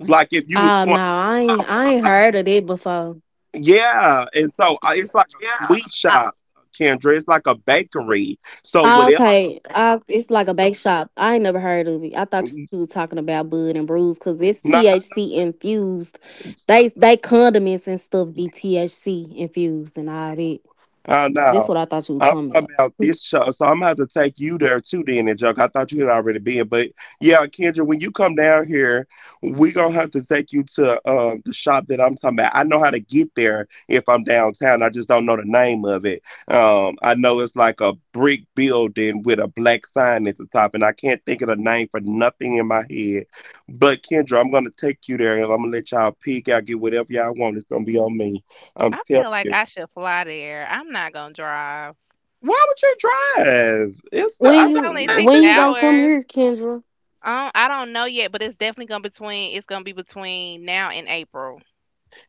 [SPEAKER 1] It's like if you was
[SPEAKER 3] Oh
[SPEAKER 1] going
[SPEAKER 3] no,
[SPEAKER 1] to Frost,
[SPEAKER 3] I
[SPEAKER 1] I'm
[SPEAKER 3] ain't
[SPEAKER 1] like,
[SPEAKER 3] heard of it before.
[SPEAKER 1] yeah. And so it's like a sweet
[SPEAKER 3] I,
[SPEAKER 1] shop, Kendra. It's like a bakery. So
[SPEAKER 3] Oh,
[SPEAKER 1] whatever.
[SPEAKER 3] okay, it's like a bake shop. I ain't never heard of it. I thought you was talking about Bud and Brews because it's
[SPEAKER 1] Nah, I
[SPEAKER 3] THC
[SPEAKER 1] know Butterbrew.
[SPEAKER 3] infused. They condiments and stuff be THC infused and all that.
[SPEAKER 1] Oh
[SPEAKER 3] That's
[SPEAKER 1] no.
[SPEAKER 3] what I thought you was
[SPEAKER 1] I'm
[SPEAKER 3] talking
[SPEAKER 1] talking
[SPEAKER 3] about.
[SPEAKER 1] about this show. So I'm gonna have to take you there too then and joke. I thought you had already been, but yeah, Kendra, when you come down here, we gonna have to take you to the shop that I'm talking about. I know how to get there if I'm downtown. I just don't know the name of it. I know it's like a brick building with a black sign at the top, and I can't think of the name for nothing in my head. But Kendra, I'm gonna take you there and I'm gonna let y'all pick out, get whatever y'all want. It's gonna be on me. I'm
[SPEAKER 2] I
[SPEAKER 1] telling
[SPEAKER 2] feel like
[SPEAKER 1] you.
[SPEAKER 2] I should fly there. I'm not gonna drive.
[SPEAKER 1] Why would you drive? It's the, I thought
[SPEAKER 2] It's only
[SPEAKER 1] you
[SPEAKER 2] six
[SPEAKER 3] When
[SPEAKER 1] said
[SPEAKER 3] you gonna
[SPEAKER 1] six.
[SPEAKER 3] come
[SPEAKER 2] hours.
[SPEAKER 3] here, Kendra?
[SPEAKER 2] I don't know yet, but it's definitely gonna be between now and April.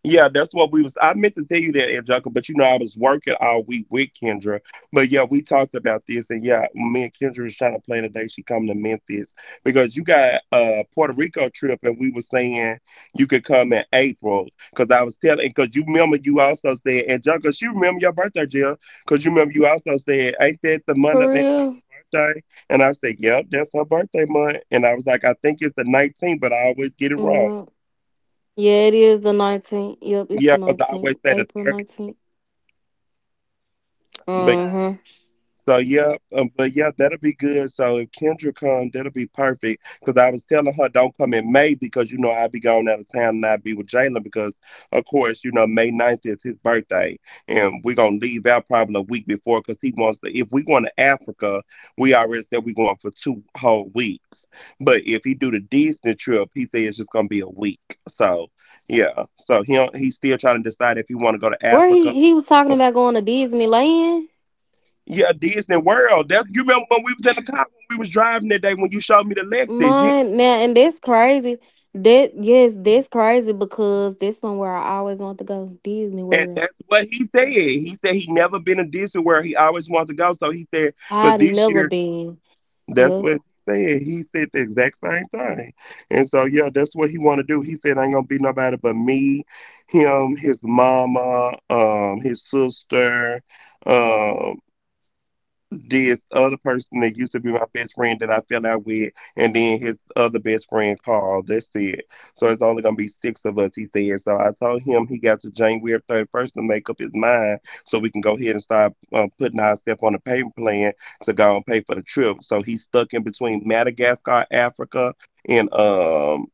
[SPEAKER 1] Yeah, that's what we was. I meant to tell you that, Angelica, but you know I was working all week with Kendra. But yeah, we talked about this, and yeah, me and Kendra was trying to plan today. She coming to Memphis because you got a Puerto Rico trip, and we were saying you could come in April because I was telling, because you remember you also said, Angelica, she remember your birthday, Jill, because you remember you also said ain't that the month of
[SPEAKER 3] For
[SPEAKER 1] Angelica's
[SPEAKER 3] real?
[SPEAKER 1] birthday? And I said, yep, that's her birthday month. And I was like, I think it's the 19th, but I always get it wrong.
[SPEAKER 3] Yeah, yeah. It is the 19th. Yep, it's
[SPEAKER 1] Yeah,
[SPEAKER 3] the
[SPEAKER 1] because I always
[SPEAKER 3] 19th.
[SPEAKER 1] say the
[SPEAKER 3] April 19th.
[SPEAKER 2] Yeah,
[SPEAKER 1] 30th.
[SPEAKER 3] Uh huh.
[SPEAKER 1] So yeah, but yeah, that'll be good. So if Kendra comes, that'll be perfect. Cause I was telling her don't come in May because you know I'll be going out of town and I'll be with Jalen, because of course you know May 9th is his birthday and we're gonna leave out probably a week before because he wants to. If we going to Africa, we already said we're going for two whole weeks. But if he do the Disney trip, he said it's just gonna be a week. So yeah, so he don't- he still trying to decide if he want to go to
[SPEAKER 3] Where
[SPEAKER 1] Africa.
[SPEAKER 3] he was talking about going to Disneyland.
[SPEAKER 1] Yeah, Disney World. That's, you remember when we was in the car when we was driving that day when you showed me the Lexus. You,
[SPEAKER 3] Mine now, and that's crazy. That yes, that's crazy because that's somewhere I always want to go. Disney
[SPEAKER 1] and that's
[SPEAKER 3] World.
[SPEAKER 1] what he said. He said he never been to Disney World. He always wanted to go. So he said for
[SPEAKER 3] I
[SPEAKER 1] this
[SPEAKER 3] never
[SPEAKER 1] year,
[SPEAKER 3] been.
[SPEAKER 1] that's
[SPEAKER 3] Yep.
[SPEAKER 1] what he said. He said the exact same thing. And so yeah, that's what he want to do. He said ain't gonna be nobody but me, him, his mama, his sister, um. this other person that used to be my best friend that I fell out with, and then his other best friend called. That's it. So it's only gonna be six of us, he said. So I told him he got to January 31st to make up his mind, so we can go ahead and start putting ourselves on a payment plan to go and pay for the trip. So he's stuck in between Madagascar, Africa, and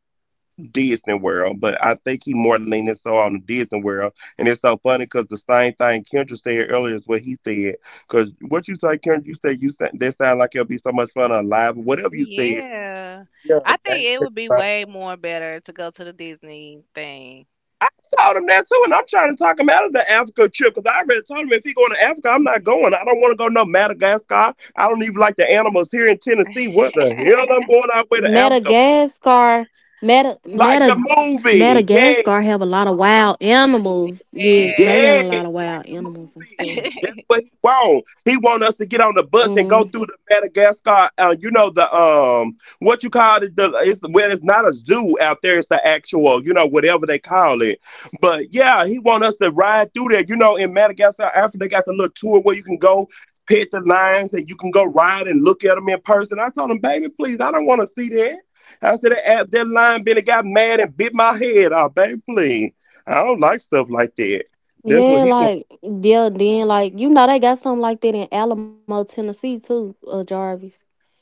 [SPEAKER 1] Disney World, but I think he more leaning so on the Disney World. And it's so funny because the same thing Kendra said earlier is what he said. Because what you say, Kendra, you said that sound like it'll be so much fun alive. Whatever you said,
[SPEAKER 2] yeah.
[SPEAKER 1] yeah, Jalen
[SPEAKER 2] I
[SPEAKER 1] said
[SPEAKER 2] think it
[SPEAKER 1] the
[SPEAKER 2] would be
[SPEAKER 1] same thing.
[SPEAKER 2] way more better to go to the Disney thing.
[SPEAKER 1] I told him that too, and I'm trying to talk him out of the Africa trip because I already told him if he going to Africa, I'm not going. I don't want to go no Madagascar. I don't even like the animals here in Tennessee. What the hell I'm going out with to Africa?
[SPEAKER 3] Madagascar. Meta
[SPEAKER 1] Like the
[SPEAKER 3] Meta
[SPEAKER 1] movie, yeah.
[SPEAKER 3] Madagascar have a lot of wild animals. Yeah, they
[SPEAKER 2] Yes.
[SPEAKER 1] Yes,
[SPEAKER 3] got a lot of
[SPEAKER 1] like the
[SPEAKER 3] wild animals and stuff.
[SPEAKER 1] movie. That's what he want. He want us to get on the bus and go
[SPEAKER 3] Mm.
[SPEAKER 1] through the Madagascar. You know the what you call it? It's not a zoo out there. It's the actual, you know, whatever they call it. But yeah, he want us to ride through there. You know, in Madagascar, after they got the little tour where you can go pet the lions and you can go ride and look at them in person. I told him, baby, please, I don't want to see that. I said that that lion been got mad and bit my head off, baby, please. I don't like stuff like that. That's what
[SPEAKER 3] Yeah,
[SPEAKER 1] he want.
[SPEAKER 3] like yeah, then like you know they got something like that in Alamo, Tennessee too, Jarvis.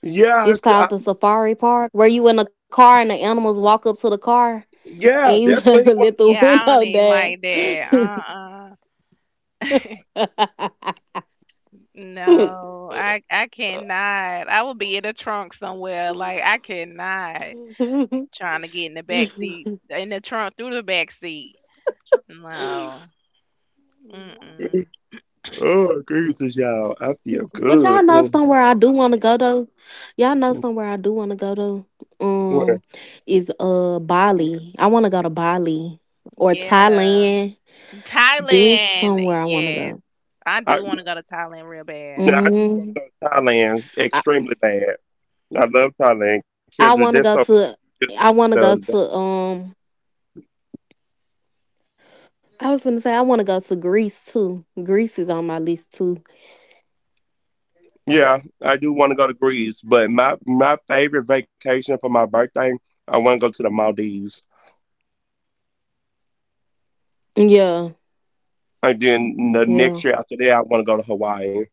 [SPEAKER 1] Yeah,
[SPEAKER 3] It's
[SPEAKER 1] I, s-
[SPEAKER 3] called the
[SPEAKER 1] I-
[SPEAKER 3] Safari Park, where you in a car and the animals walk up to the car, and
[SPEAKER 1] yeah,
[SPEAKER 3] you
[SPEAKER 1] that's what
[SPEAKER 3] gotta
[SPEAKER 1] he want
[SPEAKER 3] let the
[SPEAKER 2] Yeah, I don't
[SPEAKER 3] window
[SPEAKER 2] even like that.
[SPEAKER 3] down.
[SPEAKER 2] Uh-uh. No, I cannot. I will be in the trunk somewhere. Like I cannot trying to get in the back seat, in the trunk through the back seat. No.
[SPEAKER 1] to
[SPEAKER 2] Mm-mm.
[SPEAKER 1] do. Oh, Jesus, y'all, I feel
[SPEAKER 3] But
[SPEAKER 1] good.
[SPEAKER 3] y'all know
[SPEAKER 1] Oh,
[SPEAKER 3] somewhere I do want to go though. Y'all know
[SPEAKER 1] I
[SPEAKER 3] somewhere I do want to go though.
[SPEAKER 1] swear.
[SPEAKER 3] Um, is Bali. I want to go to Bali or
[SPEAKER 2] Yeah.
[SPEAKER 3] Thailand. This
[SPEAKER 2] Thailand.
[SPEAKER 3] somewhere I want to
[SPEAKER 2] Yes.
[SPEAKER 3] go.
[SPEAKER 2] I
[SPEAKER 1] I
[SPEAKER 2] do want to go to Thailand real bad.
[SPEAKER 1] now I do want
[SPEAKER 3] Hmm.
[SPEAKER 1] to go to Thailand
[SPEAKER 3] I
[SPEAKER 1] extremely bad. I love Thailand, Kendra.
[SPEAKER 3] I
[SPEAKER 1] That's so
[SPEAKER 3] want to go
[SPEAKER 1] funny.
[SPEAKER 3] to.
[SPEAKER 1] You just said that
[SPEAKER 3] I
[SPEAKER 1] the
[SPEAKER 3] want to
[SPEAKER 1] other day.
[SPEAKER 3] go to. I was gonna say I want to go to Greece too. Greece is on my list too.
[SPEAKER 1] Yeah, I do want to go to Greece, but my favorite vacation for my birthday, I want to go to the Maldives,
[SPEAKER 3] Yeah,
[SPEAKER 1] and then the
[SPEAKER 3] yeah.
[SPEAKER 1] next year after that, I want to go to Hawaii.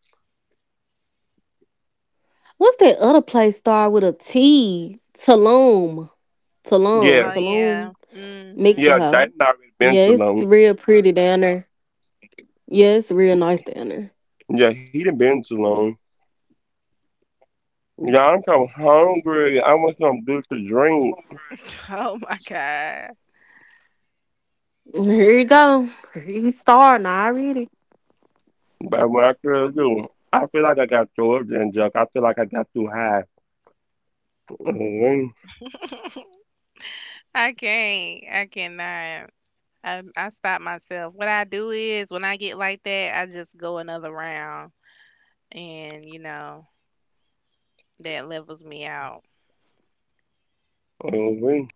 [SPEAKER 3] What's that other place start with a T? Tulum. Tulum.
[SPEAKER 1] Yeah,
[SPEAKER 2] Oh
[SPEAKER 3] Tulum,
[SPEAKER 2] yeah. Hmm.
[SPEAKER 1] yeah,
[SPEAKER 3] Mexico.
[SPEAKER 1] Jaden already been
[SPEAKER 3] Yeah,
[SPEAKER 1] to
[SPEAKER 3] it's
[SPEAKER 1] long.
[SPEAKER 3] real pretty down there. Yeah, it's real nice down there.
[SPEAKER 1] Yeah, he done been too long. Yeah, I'm kind of hungry. I want something good to drink.
[SPEAKER 2] Oh my God.
[SPEAKER 3] Here you go. You starting already.
[SPEAKER 1] But what I could do, I feel like I got too up and junk. I feel like I got too high. Mhm,
[SPEAKER 2] I can't. I cannot. I stop myself. What I do is when I get like that, I just go another round, and that levels me out.
[SPEAKER 1] mhm.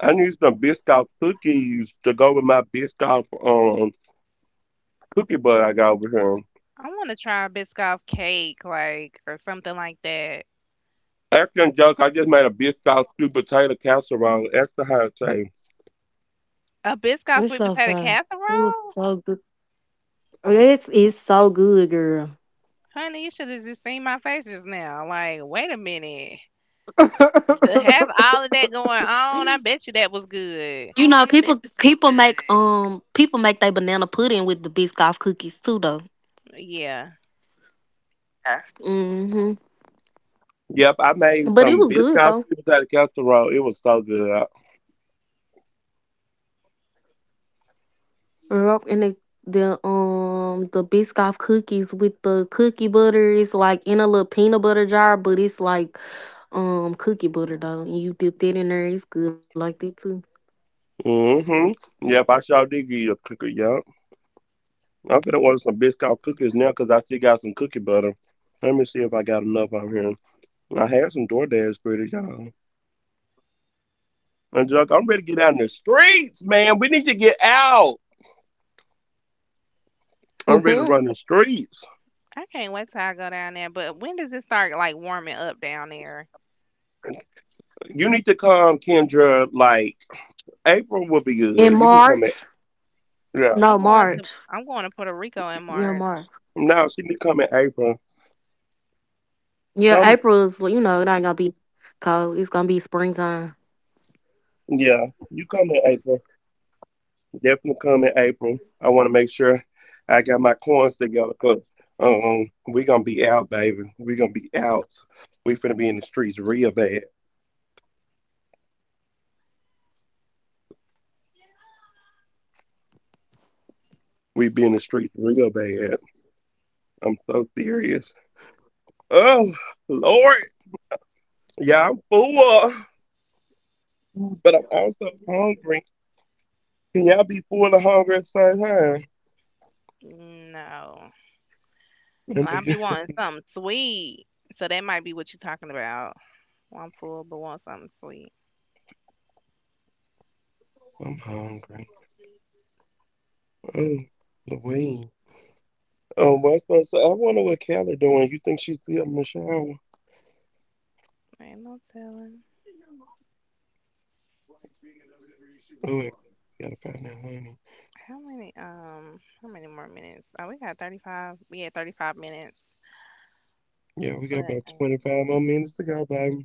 [SPEAKER 1] I need some Biscoff cookies to go with my Biscoff cookie butter I got over here.
[SPEAKER 2] I want to try a Biscoff cake like or something like that.
[SPEAKER 1] Extra junk, I just made a Biscoff sweet potato casserole, extra hot taste.
[SPEAKER 2] A Biscoff
[SPEAKER 3] It's
[SPEAKER 2] sweet
[SPEAKER 3] so
[SPEAKER 2] potato
[SPEAKER 3] fun. It was
[SPEAKER 2] casserole?
[SPEAKER 3] so good. It's so good, girl.
[SPEAKER 2] Honey, you should have just seen my face just now. Like, wait a minute. To have all of that going on, I bet you that was
[SPEAKER 3] You
[SPEAKER 2] good.
[SPEAKER 3] know, people make people make their banana pudding with the biscoff cookies too though.
[SPEAKER 2] Yeah.
[SPEAKER 3] Hmm.
[SPEAKER 1] Yep, I made
[SPEAKER 3] But it
[SPEAKER 1] some
[SPEAKER 3] was good
[SPEAKER 1] Biscoff
[SPEAKER 3] though.
[SPEAKER 1] sweet potato casserole. It was so good.
[SPEAKER 3] Yup, and the Biscoff cookies with the cookie butter is like in a little peanut butter jar, but it's like cookie butter though,
[SPEAKER 2] Mm-hmm.
[SPEAKER 3] and you dip that in there. It's good like that too.
[SPEAKER 1] Mm-hmm. Yep, I sure did give you a cookie. Yeah. I'm gonna order some Biscoff cookies now, cause I still got some cookie butter. Let me see if I got enough out here. I had some DoorDash pretty, y'all. And Junk, I'm ready to get out in the streets, man. We need to get out. I'm ready to run the
[SPEAKER 3] Mhm.
[SPEAKER 1] streets.
[SPEAKER 2] I can't wait till I go down there, but when does it start, like, warming up down there?
[SPEAKER 1] You need to come, Kendra. Like April will be
[SPEAKER 3] In
[SPEAKER 1] good. You can come in.
[SPEAKER 3] March,
[SPEAKER 1] Yeah.
[SPEAKER 3] no,
[SPEAKER 2] I'm going to
[SPEAKER 3] March,
[SPEAKER 2] I'm going to Puerto Rico in
[SPEAKER 3] yeah,
[SPEAKER 2] March.
[SPEAKER 3] March,
[SPEAKER 1] No, she need to come in April.
[SPEAKER 3] yeah,
[SPEAKER 1] Come.
[SPEAKER 3] April's, you know, it ain't gonna be cold. It's gonna be springtime.
[SPEAKER 1] Yeah. You come in April. Definitely come in April. I want to make sure I got my coins together because we going to be out, baby. We going to be out. We finna be in the streets real bad. We be in the streets real bad. I'm so serious. Oh, Lord. Yeah, I'm full, but I'm also hungry. Can y'all be full and hungry at the same time?
[SPEAKER 2] No.
[SPEAKER 1] And do
[SPEAKER 2] I'll
[SPEAKER 1] you?
[SPEAKER 2] be wanting something sweet. So that might be what you're talking about. Well, I'm full, but want something sweet.
[SPEAKER 1] I'm hungry. Oh, Louise. Oh, well, I supposed to, I wonder what Callie doing. You think she's still in the shower?
[SPEAKER 2] Ain't no telling.
[SPEAKER 1] Oh, gotta find that honey.
[SPEAKER 2] How many more minutes? Oh, we got 35. We had 35 minutes.
[SPEAKER 1] Yeah, we got
[SPEAKER 2] But
[SPEAKER 1] about 25 more minutes to go, baby.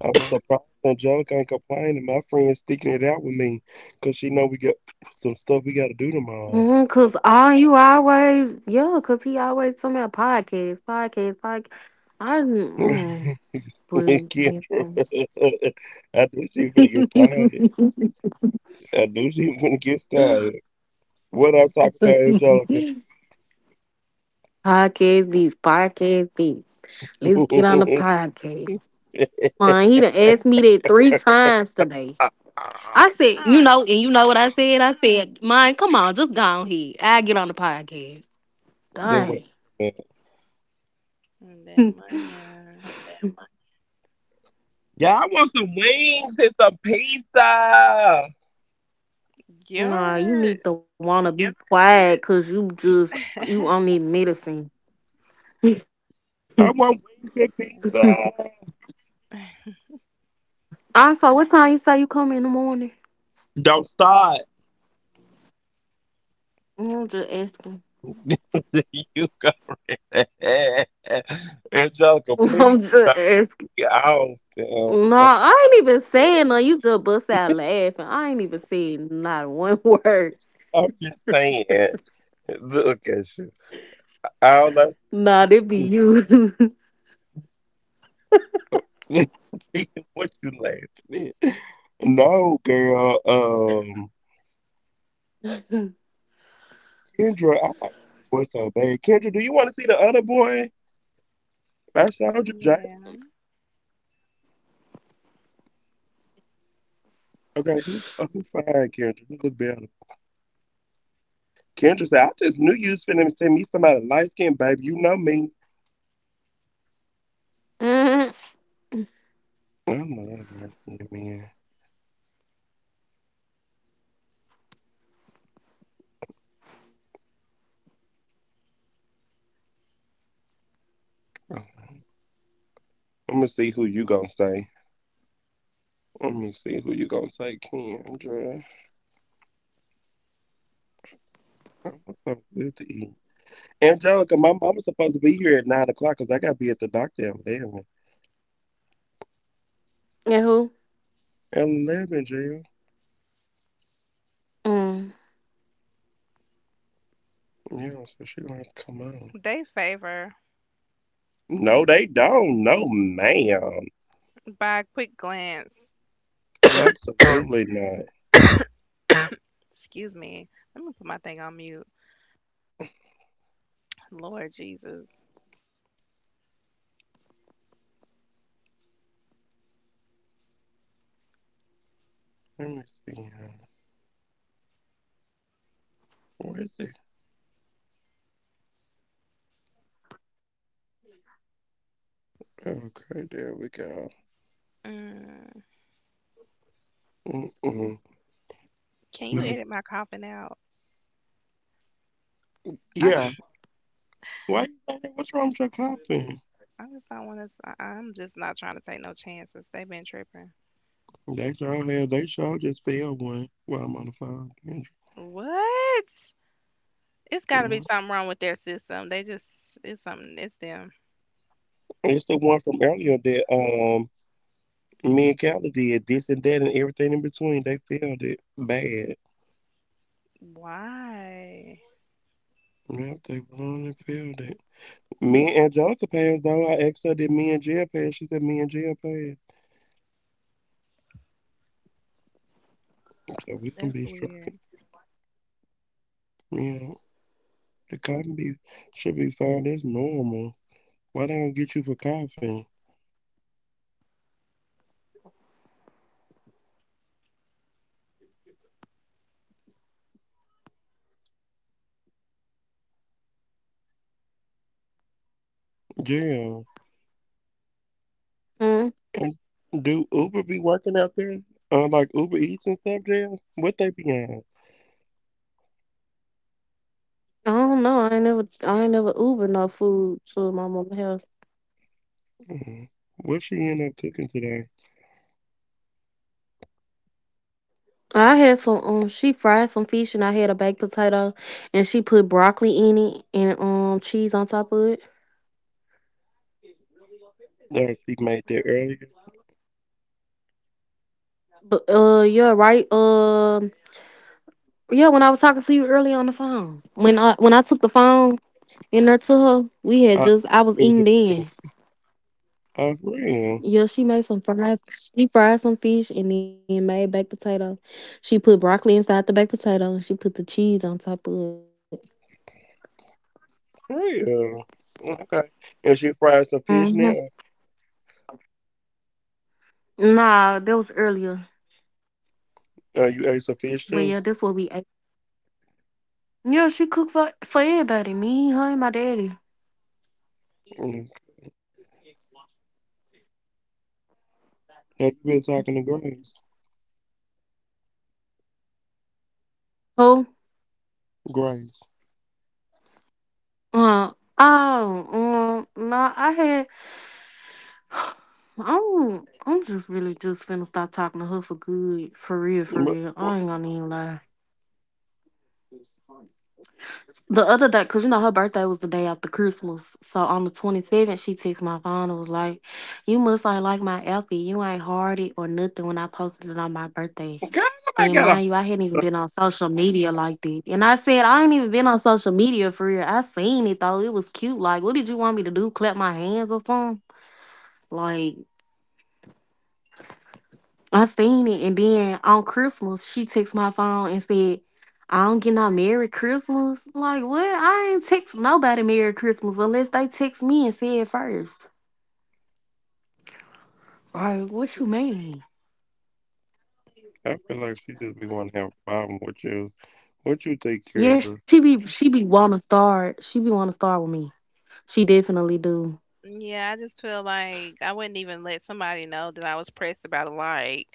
[SPEAKER 1] I'm surprised Angelica ain't complaining. My friend's sticking it out with me because she know we got some stuff we got to do tomorrow.
[SPEAKER 3] Mm-hmm. Cause all you always, yeah, cause he always talking about podcast, podcast, podcast. I mm,
[SPEAKER 1] Kendra,
[SPEAKER 3] please.
[SPEAKER 1] I knew she was going to get started. I knew she was going to get
[SPEAKER 3] Podcast,
[SPEAKER 1] started. What I talk about, Angelica?
[SPEAKER 3] these podcast, these. Let's get on the podcast. Man, he done asked me that 3 times today. I said, you
[SPEAKER 2] not
[SPEAKER 3] know, and you know what I said? I said, man, come on, just go on here. I get on the podcast.
[SPEAKER 1] That what
[SPEAKER 3] Dang.
[SPEAKER 1] I'm about.
[SPEAKER 2] that money.
[SPEAKER 1] Yeah, I want some wings and some pizza. I
[SPEAKER 3] Nah,
[SPEAKER 2] Your
[SPEAKER 3] you need to wanna be quiet cause you just you on need medicine.
[SPEAKER 1] want wings and pizza.
[SPEAKER 3] Also, what time you say you come in the morning?
[SPEAKER 1] Don't start.
[SPEAKER 3] I'm just asking.
[SPEAKER 1] you go Angelica, please
[SPEAKER 3] I'm just
[SPEAKER 1] stop
[SPEAKER 3] asking.
[SPEAKER 1] me off.
[SPEAKER 3] No, I ain't even saying no. You just bust out laughing. I ain't even saying not one word.
[SPEAKER 1] I'm just saying, look at you. All that's
[SPEAKER 3] Not it be you.
[SPEAKER 1] what you laughing at. No, girl. Kendra, I like this boy so bad. Kendra, do you want to see the other boy? I showed you Jay.
[SPEAKER 2] yeah.
[SPEAKER 1] Okay, who fine, Kendra? Who look better? Kendra said, I just knew you was finna send me somebody light skinned, baby. You know me.
[SPEAKER 3] Mm.
[SPEAKER 1] I love light skinned men. Let me see who you gonna say. Let me see who you gonna say, Kendra. I want something good to eat. Angelica, my mama's supposed to be here at 9 o'clock, cause I gotta be at the doctor at 11.
[SPEAKER 3] And who?
[SPEAKER 1] At 11, Jill.
[SPEAKER 3] Mm.
[SPEAKER 1] Yeah, so she gonna have to come on.
[SPEAKER 2] They favor
[SPEAKER 1] No, they don't. No, ma'am.
[SPEAKER 2] by a quick glance.
[SPEAKER 1] Absolutely not.
[SPEAKER 2] Excuse me. Let me put my thing on mute. Lord Jesus.
[SPEAKER 1] Let me see. Where is it? Okay, there we go.
[SPEAKER 2] Mm,
[SPEAKER 1] Mm-mm.
[SPEAKER 2] can you
[SPEAKER 1] No.
[SPEAKER 2] edit my coughing out? I,
[SPEAKER 1] Yeah. Why you say that? What's wrong with your coffee?
[SPEAKER 2] I just don't want to. I'm just not trying to take no chances. They've been tripping.
[SPEAKER 1] They sure have. They sure just failed one while I'm on the phone. Yeah.
[SPEAKER 2] What? It's got to
[SPEAKER 1] Mhm.
[SPEAKER 2] be something wrong with their system. They just, it's something, it's them.
[SPEAKER 1] It's the one from earlier that me and Callie did this and that and everything in between. They failed it bad.
[SPEAKER 2] Why?
[SPEAKER 1] Yep, they really failed it. Me and Angelica passed though. I asked her did me and Jill pass. She said me and Jill passed. So we gonna
[SPEAKER 2] That's
[SPEAKER 1] be straight.
[SPEAKER 2] weird.
[SPEAKER 1] Yeah. The cotton be should be fine. That's normal. Why they don't get you for coughing? Yeah.
[SPEAKER 3] Mm.
[SPEAKER 1] And do Uber be working out there? Like Uber Eats and stuff, Jill? What they be on?
[SPEAKER 3] I don't know. I ain't never. I ain't never Uber no food to my mama house.
[SPEAKER 1] Mhm. What she end up cooking today?
[SPEAKER 3] I had some. She fried some fish, and I had a baked potato, and she put broccoli in it and cheese on top of it.
[SPEAKER 1] There she made that earlier.
[SPEAKER 3] But you're right. Yeah. When I was talking to you earlier on the phone, when I took the phone. And her to her, we had
[SPEAKER 1] Oh, that's
[SPEAKER 3] just I
[SPEAKER 1] what
[SPEAKER 3] was
[SPEAKER 1] she was
[SPEAKER 3] eating
[SPEAKER 1] doing.
[SPEAKER 3] then.
[SPEAKER 1] Oh, for real?
[SPEAKER 3] Yeah, she made some fries. She fried some fish and then made baked potato. She put broccoli inside the baked potato and she put the cheese on top of it.
[SPEAKER 1] For real? Okay. And she fried some
[SPEAKER 3] Hmm.
[SPEAKER 1] fish now?
[SPEAKER 3] Nah, that was earlier.
[SPEAKER 1] You ate some
[SPEAKER 3] But
[SPEAKER 1] fish
[SPEAKER 3] yeah,
[SPEAKER 1] too?
[SPEAKER 3] that's what we ate. Yeah, she cooked for everybody. Me, her, and my daddy.
[SPEAKER 1] Mm. Have you been talking to Grace?
[SPEAKER 3] Who?
[SPEAKER 1] Grace.
[SPEAKER 3] Uh, oh, nah, I had. I'm just really just finna stop talking to her for good. For real, for
[SPEAKER 1] But,
[SPEAKER 3] real. I
[SPEAKER 1] what
[SPEAKER 3] ain't
[SPEAKER 1] she
[SPEAKER 3] gonna even lie. The other day, cause you know her birthday was the day after Christmas, so on the 27th she texted my phone and was like, "You must ain't like my outfit. You ain't hardy or nothing when I posted it on my birthday."
[SPEAKER 1] God, nobody
[SPEAKER 3] And
[SPEAKER 1] got a
[SPEAKER 3] mind
[SPEAKER 1] hot
[SPEAKER 3] you, I hadn't even
[SPEAKER 1] stuff.
[SPEAKER 3] been on social media like that. And I said, I ain't even been on social media for real. I seen it though. It was cute. Like, what did you want me to do? Clap my hands or something? Like, I seen it, and then on Christmas she texted my phone and said, "I don't get no Merry Christmas." Like what? I ain't text nobody Merry Christmas unless they text me and say it first. Like what you mean?
[SPEAKER 1] I feel like she just be wanting to have a problem with you. What you think, Kendra?
[SPEAKER 3] Yeah, she be wanna start. She be wanna start with me. She definitely do.
[SPEAKER 2] Yeah, I just feel like I wouldn't even let somebody know that I was pressed about a like.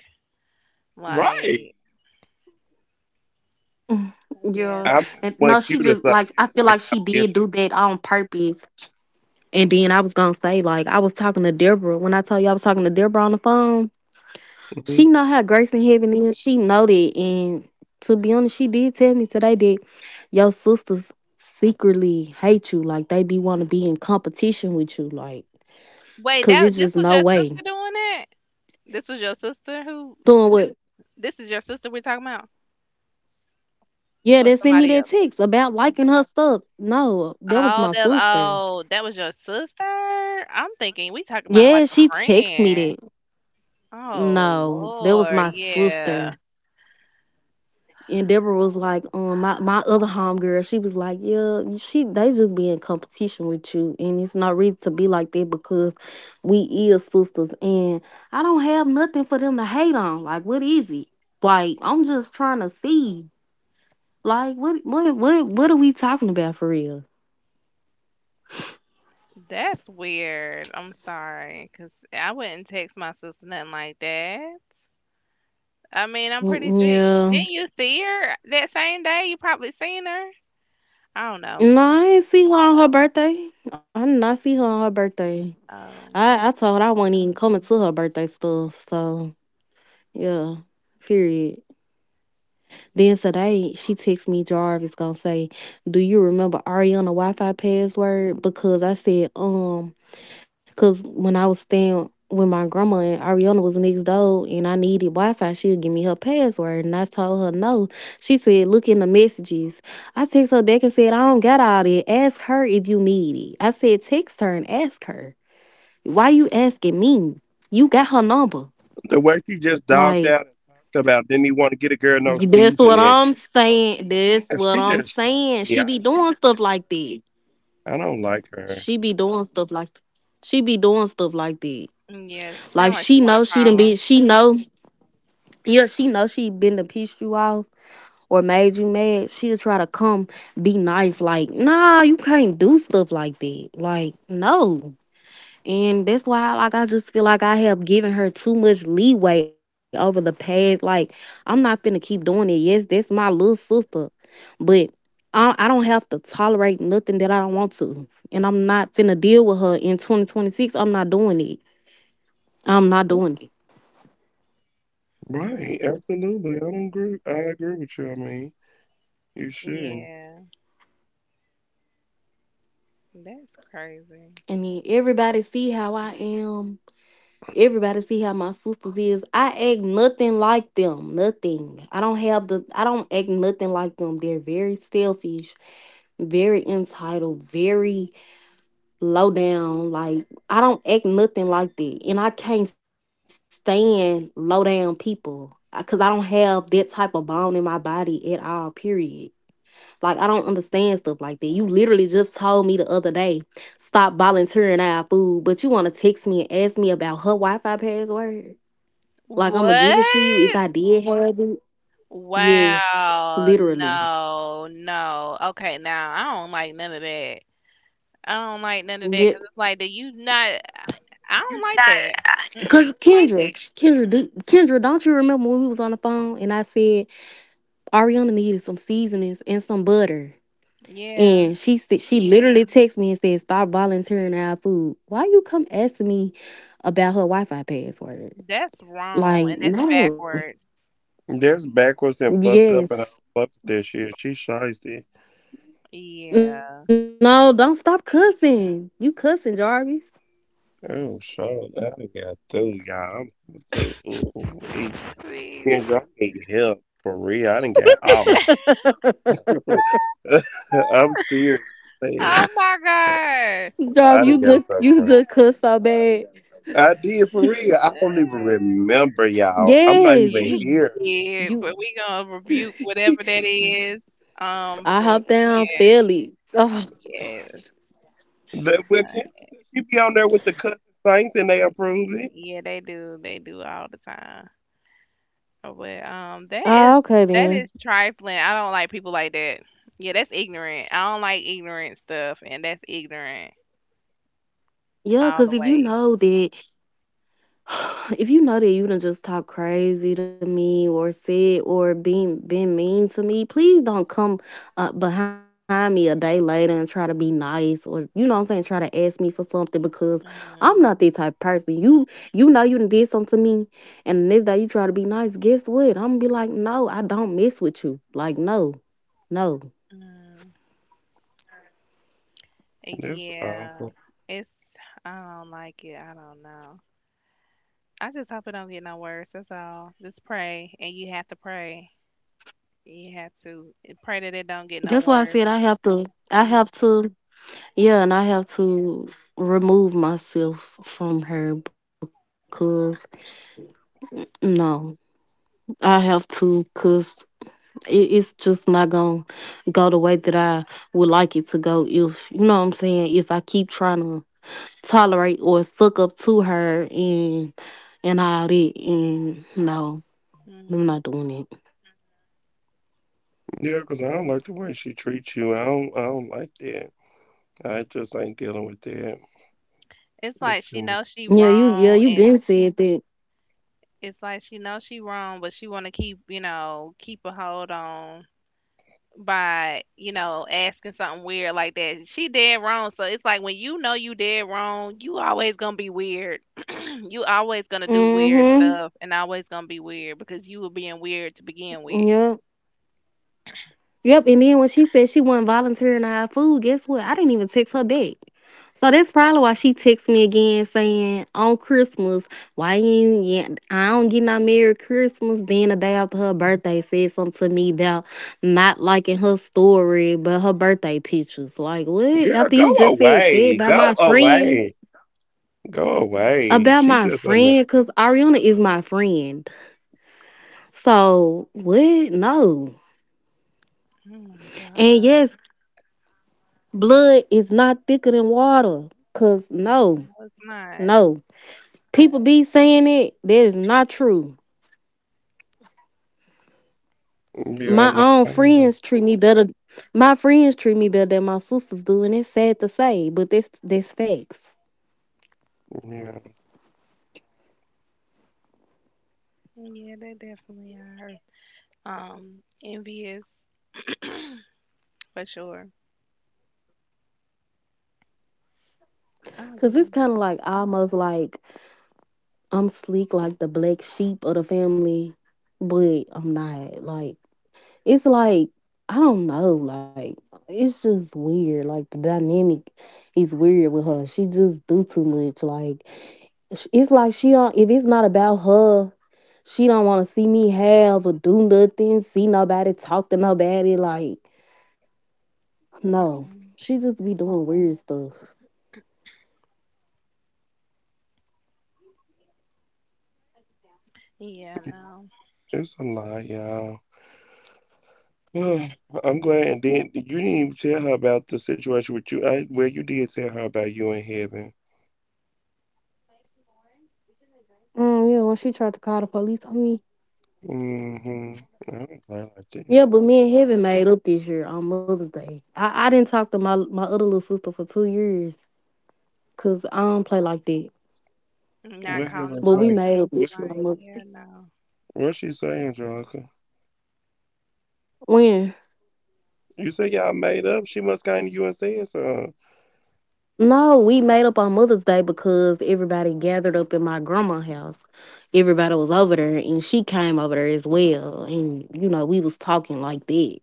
[SPEAKER 1] Right.
[SPEAKER 2] Like,
[SPEAKER 3] Yeah,
[SPEAKER 2] yeah,
[SPEAKER 1] I must
[SPEAKER 3] and
[SPEAKER 2] no.
[SPEAKER 1] have
[SPEAKER 3] no, she
[SPEAKER 1] went cute
[SPEAKER 3] just
[SPEAKER 1] or
[SPEAKER 3] like
[SPEAKER 1] something.
[SPEAKER 3] I
[SPEAKER 1] You
[SPEAKER 3] feel
[SPEAKER 1] didn't
[SPEAKER 3] like
[SPEAKER 1] like
[SPEAKER 3] she
[SPEAKER 1] my
[SPEAKER 3] did do
[SPEAKER 1] picture.
[SPEAKER 3] that on purpose. And then I was gonna say like I was talking to Deborah when I told you I was talking to Deborah on the phone.
[SPEAKER 1] Mhm.
[SPEAKER 3] She know how grace in heaven is. She know that. And to be honest, she did tell me today that your sisters secretly hate you. Like they be want to be in competition with you. Like,
[SPEAKER 2] Wait,
[SPEAKER 3] cause
[SPEAKER 2] that
[SPEAKER 3] it's
[SPEAKER 2] this
[SPEAKER 3] just
[SPEAKER 2] was
[SPEAKER 3] no
[SPEAKER 2] your
[SPEAKER 3] way
[SPEAKER 2] sister doing it? This was your sister who?
[SPEAKER 3] doing what.
[SPEAKER 2] This is your sister we're talking about,
[SPEAKER 3] Yeah,
[SPEAKER 2] or
[SPEAKER 3] they sent me
[SPEAKER 2] somebody
[SPEAKER 3] that
[SPEAKER 2] else?
[SPEAKER 3] text about liking her stuff. No, that was
[SPEAKER 2] Oh,
[SPEAKER 3] my
[SPEAKER 2] that
[SPEAKER 3] sister.
[SPEAKER 2] oh, that was your sister. I'm thinking we talking about
[SPEAKER 3] Yeah,
[SPEAKER 2] like a
[SPEAKER 3] she texted me
[SPEAKER 2] friend.
[SPEAKER 3] that.
[SPEAKER 2] Oh
[SPEAKER 3] No, that was
[SPEAKER 2] Lord,
[SPEAKER 3] my
[SPEAKER 2] yeah,
[SPEAKER 3] sister. And Deborah was like, my other homegirl, she was like, yeah, she they just be in competition with you, and it's no reason to be like that because we is sisters, and I don't have nothing for them to hate on. Like, what is it? Like, I'm just trying to see. Like, what are we talking about for real?
[SPEAKER 2] that's weird. I'm sorry, cause I wouldn't text my sister nothing like that. I mean, I'm pretty sure.
[SPEAKER 3] Mm.
[SPEAKER 2] Didn't you see her that same day? You probably seen her. I don't know.
[SPEAKER 3] Yeah, no, I ain't see her on her birthday. I did not see her on her birthday.
[SPEAKER 2] Oh,
[SPEAKER 3] I told her I wasn't even coming to her birthday stuff. So yeah, period. Then today she texted me Jarvis gonna say, do you remember Ariana Wi Fi password? Because I said, cause when I was staying with my grandma and Ariana was next door and I needed Wi Fi, she'll give me her password. And I told her no. She said, look in the messages. I text her back and said, I don't got all that. Ask her if you need it. I said, text her and ask her. Why you asking me? You got her number.
[SPEAKER 1] The way she just dogged
[SPEAKER 3] Like
[SPEAKER 1] out and talked about didn't even want to get a girl no
[SPEAKER 3] that's what
[SPEAKER 1] seasoning.
[SPEAKER 3] I'm saying. That's
[SPEAKER 1] And
[SPEAKER 3] what
[SPEAKER 1] she
[SPEAKER 3] I'm
[SPEAKER 1] just
[SPEAKER 3] saying.
[SPEAKER 1] feisty.
[SPEAKER 3] She
[SPEAKER 1] I
[SPEAKER 3] be
[SPEAKER 1] just
[SPEAKER 3] doing
[SPEAKER 1] don't like
[SPEAKER 3] stuff like that.
[SPEAKER 1] her. I don't like her.
[SPEAKER 3] She be doing stuff like she be doing stuff like that.
[SPEAKER 2] yeah.
[SPEAKER 3] Like
[SPEAKER 2] Sound like she want a problem.
[SPEAKER 3] she know, yeah, she know she been to piss you off or made you mad. She'll try to come be nice, like, nah, you can't do stuff like that. Like, no. And that's why like I just feel like I have given her too much leeway over the past. Like I'm not finna keep doing it. Yes, that's my little sister. But I don't have to tolerate nothing that I don't want to. And I'm not finna deal with her in 2026. I'm not doing it. I'm not doing it.
[SPEAKER 2] Mm,
[SPEAKER 1] Right, absolutely. I don't agree. I agree with you. I mean, you should.
[SPEAKER 2] yeah, that's crazy.
[SPEAKER 3] And then everybody see how I am. Everybody see how my sisters is. I act nothing like them. Nothing. I don't act nothing like them. They're very selfish, very entitled, very low down. Like I don't act nothing like that, and I can't stand low down people because I don't have that type of bone in my body at all. Period. Like I don't understand stuff like that. You literally just told me the other day stop volunteering our food, but you want to text me and ask me about her Wi-Fi password. Like I'm gonna give it to you if
[SPEAKER 2] What?
[SPEAKER 3] I did. Yes,
[SPEAKER 2] Wow,
[SPEAKER 3] literally.
[SPEAKER 2] no, no. Okay, now I don't like none of that. I don't like none of that
[SPEAKER 3] Yep.
[SPEAKER 2] because it's like, do you not? I don't like that.
[SPEAKER 3] Cause
[SPEAKER 2] Mm-mm.
[SPEAKER 3] Kendra, don't you remember when we was on the phone and I said Ariana needed some seasonings and some butter,
[SPEAKER 2] Yeah,
[SPEAKER 3] and she said she literally texted me and said stop volunteering our food. Why you come asking me about her Wi-Fi password?
[SPEAKER 2] that's wrong and
[SPEAKER 3] Like
[SPEAKER 2] that's
[SPEAKER 3] no,
[SPEAKER 2] backwards.
[SPEAKER 1] That's backwards and fucked up, and I don't
[SPEAKER 3] yes,
[SPEAKER 1] fuck with that shit. She shiesty.
[SPEAKER 2] Yeah.
[SPEAKER 3] no, don't stop cussing. You cussing, Jarvis.
[SPEAKER 1] Oh, shit. I done got through, y'all. I'm through. Wait.
[SPEAKER 2] Please.
[SPEAKER 1] Kendra, I need help. For real, I done got off. I'm serious, man.
[SPEAKER 2] Oh my God.
[SPEAKER 1] I
[SPEAKER 3] Jarvis,
[SPEAKER 1] done got so
[SPEAKER 3] you
[SPEAKER 1] far.
[SPEAKER 3] just cuss so bad.
[SPEAKER 1] I did for real. I don't even
[SPEAKER 2] Uh,
[SPEAKER 1] remember, y'all. I'm not
[SPEAKER 3] Yes,
[SPEAKER 1] even
[SPEAKER 2] yeah,
[SPEAKER 1] here.
[SPEAKER 2] he
[SPEAKER 3] you.
[SPEAKER 2] but we gonna rebuke whatever that is.
[SPEAKER 3] I
[SPEAKER 2] From
[SPEAKER 3] hop
[SPEAKER 2] Yeah,
[SPEAKER 3] down, feel it. Oh.
[SPEAKER 2] yeah,
[SPEAKER 1] That- Well,
[SPEAKER 2] honey.
[SPEAKER 1] Kendra said she be on there with the cousin saints and they approve it.
[SPEAKER 2] Yeah, they do all the time. Oh, but that is
[SPEAKER 3] Ah, okay then.
[SPEAKER 2] trifling. I don't like people like that. Yeah, that's ignorant. I don't like ignorant stuff, and that's ignorant
[SPEAKER 3] Yeah,
[SPEAKER 2] all the
[SPEAKER 3] because if you
[SPEAKER 2] way.
[SPEAKER 3] know that, if you know that you done just talk crazy to me or said or been mean to me, please don't come behind me a day later and try to be nice or you know what I'm saying, try to ask me for something because I'm not
[SPEAKER 2] Mm,
[SPEAKER 3] that type of person. You know you done did something to me, and the next day you try to be nice. Guess what? I'm gonna be like, no, I don't mess with you. Like no, no.
[SPEAKER 2] mm.
[SPEAKER 1] That's
[SPEAKER 2] Yeah,
[SPEAKER 1] awful.
[SPEAKER 2] it's I don't like it. I don't know. I just hope it don't get no worse. That's all. Just pray, and you have to pray. You have to pray that it don't get no
[SPEAKER 3] That's why I
[SPEAKER 2] worse.
[SPEAKER 3] said I have to. I have to. Yeah, and I have to remove myself from her because no, I have to because it's just not gonna go the way that I would like it to go. If you know what I'm saying, if I keep trying to tolerate or suck up to her and all that, and no, I'm
[SPEAKER 2] Mm.
[SPEAKER 3] not doing it.
[SPEAKER 1] Yeah, 'cause I don't like the way she treats you. I don't. I don't like that. I just ain't dealing with that.
[SPEAKER 2] It's
[SPEAKER 1] It's
[SPEAKER 2] like she
[SPEAKER 1] too
[SPEAKER 3] Yeah,
[SPEAKER 1] much.
[SPEAKER 2] knows
[SPEAKER 3] you,
[SPEAKER 2] she
[SPEAKER 3] yeah, you been
[SPEAKER 2] wrong, and
[SPEAKER 3] said that.
[SPEAKER 2] it's like she knows she wrong, but she want to keep a hold on by asking something weird like that she did wrong. So it's like, when you know you did wrong, you always gonna be weird. You always gonna do weird
[SPEAKER 3] Mm-hmm.
[SPEAKER 2] stuff and always gonna be weird because you were being weird to begin with.
[SPEAKER 3] Yeah. Yep, and then when she said she wasn't volunteering to have food, guess what? I didn't even text her back. So that's probably why she texted me again saying on Christmas, why you ain't get- I don't get no Merry Christmas. Then the day after her birthday said something to me about not liking her story, but her birthday pictures. Like what?
[SPEAKER 1] Girl, go
[SPEAKER 3] After you just said
[SPEAKER 1] away.
[SPEAKER 3] that about
[SPEAKER 1] Go
[SPEAKER 3] my friend.
[SPEAKER 1] away. Go away.
[SPEAKER 3] About
[SPEAKER 1] She
[SPEAKER 3] my
[SPEAKER 1] just a no.
[SPEAKER 3] friend, cause Ariana is my friend. So what? No.
[SPEAKER 2] Oh my
[SPEAKER 3] And
[SPEAKER 2] God.
[SPEAKER 3] yes, blood is not thicker than water. Cause
[SPEAKER 2] No,
[SPEAKER 3] no,
[SPEAKER 2] it's not.
[SPEAKER 3] no. People be saying it. That is not true. My
[SPEAKER 1] Yeah, I
[SPEAKER 3] own
[SPEAKER 1] know.
[SPEAKER 3] friends
[SPEAKER 1] I
[SPEAKER 3] treat me better. My friends treat me better than my sisters do, and it's sad to say, but that's facts.
[SPEAKER 1] know.
[SPEAKER 2] Yeah, they definitely are envious for sure. I'll
[SPEAKER 3] Cause it's
[SPEAKER 2] be.
[SPEAKER 3] kind of like almost like I'm sleek, like the black sheep of the family, but I'm not. Like it's like I don't know, like it's just weird. Like the dynamic is weird with her. She just do too much. Like it's like she don't. If it's not about her, she don't want to see me have or do nothing. See nobody, talk to nobody. Like no, she just be doing weird stuff.
[SPEAKER 2] Yeah,
[SPEAKER 1] Yeah,
[SPEAKER 2] no,
[SPEAKER 1] it's a lie, y'all. Ugh, I'm glad. And then you didn't even tell her about the situation with you. I, well, you did tell her about you in heaven.
[SPEAKER 3] Yeah, when she tried to call the police on me.
[SPEAKER 1] Mm-hmm. I am glad play like that.
[SPEAKER 3] Yeah, but me and Heaven made up this year on Mother's Day. I didn't talk to my other little sister for 2 years because I don't play like that.
[SPEAKER 2] not
[SPEAKER 1] What
[SPEAKER 2] calling
[SPEAKER 1] Heaven
[SPEAKER 2] the
[SPEAKER 3] But we
[SPEAKER 1] say?
[SPEAKER 3] made
[SPEAKER 2] police.
[SPEAKER 3] up this year on
[SPEAKER 2] Like,
[SPEAKER 3] Mother's
[SPEAKER 2] yeah,
[SPEAKER 3] Day.
[SPEAKER 2] no.
[SPEAKER 1] What she say, Angelica?
[SPEAKER 3] When?
[SPEAKER 1] You say y'all made up? She must came to you and said so.
[SPEAKER 3] No, we made up on Mother's Day because everybody gathered up in my grandma's house. Everybody was over there, and she came over there as well. And you know, we was talking like that.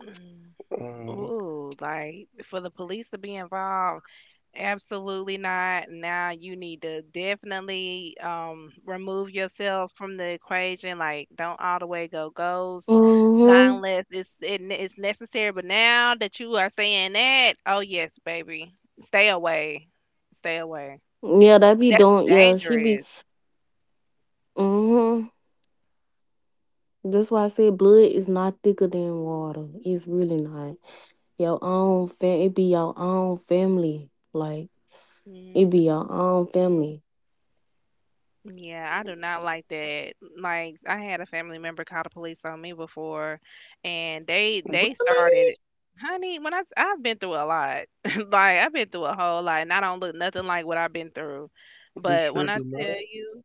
[SPEAKER 2] Mm.
[SPEAKER 1] Um,
[SPEAKER 2] Ooh, like, for the police to be involved, absolutely not. Now you need to definitely remove yourself from the equation. Like, don't all the way go ghost, not
[SPEAKER 3] Mhm.
[SPEAKER 2] unless it's necessary. But now that you are saying that, oh yes, baby, stay away, stay away.
[SPEAKER 3] Yeah, that be
[SPEAKER 2] That's
[SPEAKER 3] doing. Yeah, she be.
[SPEAKER 2] dangerous.
[SPEAKER 3] Mhm. That's why I said blood is not thicker than water. It's really not. Your own fam. It be your own family. Like it be your own family.
[SPEAKER 2] Yeah, I do not like that. Like, I had a family member call the police on me before, and they
[SPEAKER 1] really?
[SPEAKER 2] started. Honey, when I've been through a lot. Like, I've been through a whole lot, and I don't look nothing like what I've been through.
[SPEAKER 1] You
[SPEAKER 2] But
[SPEAKER 1] sure
[SPEAKER 2] when I
[SPEAKER 1] did not.
[SPEAKER 2] tell you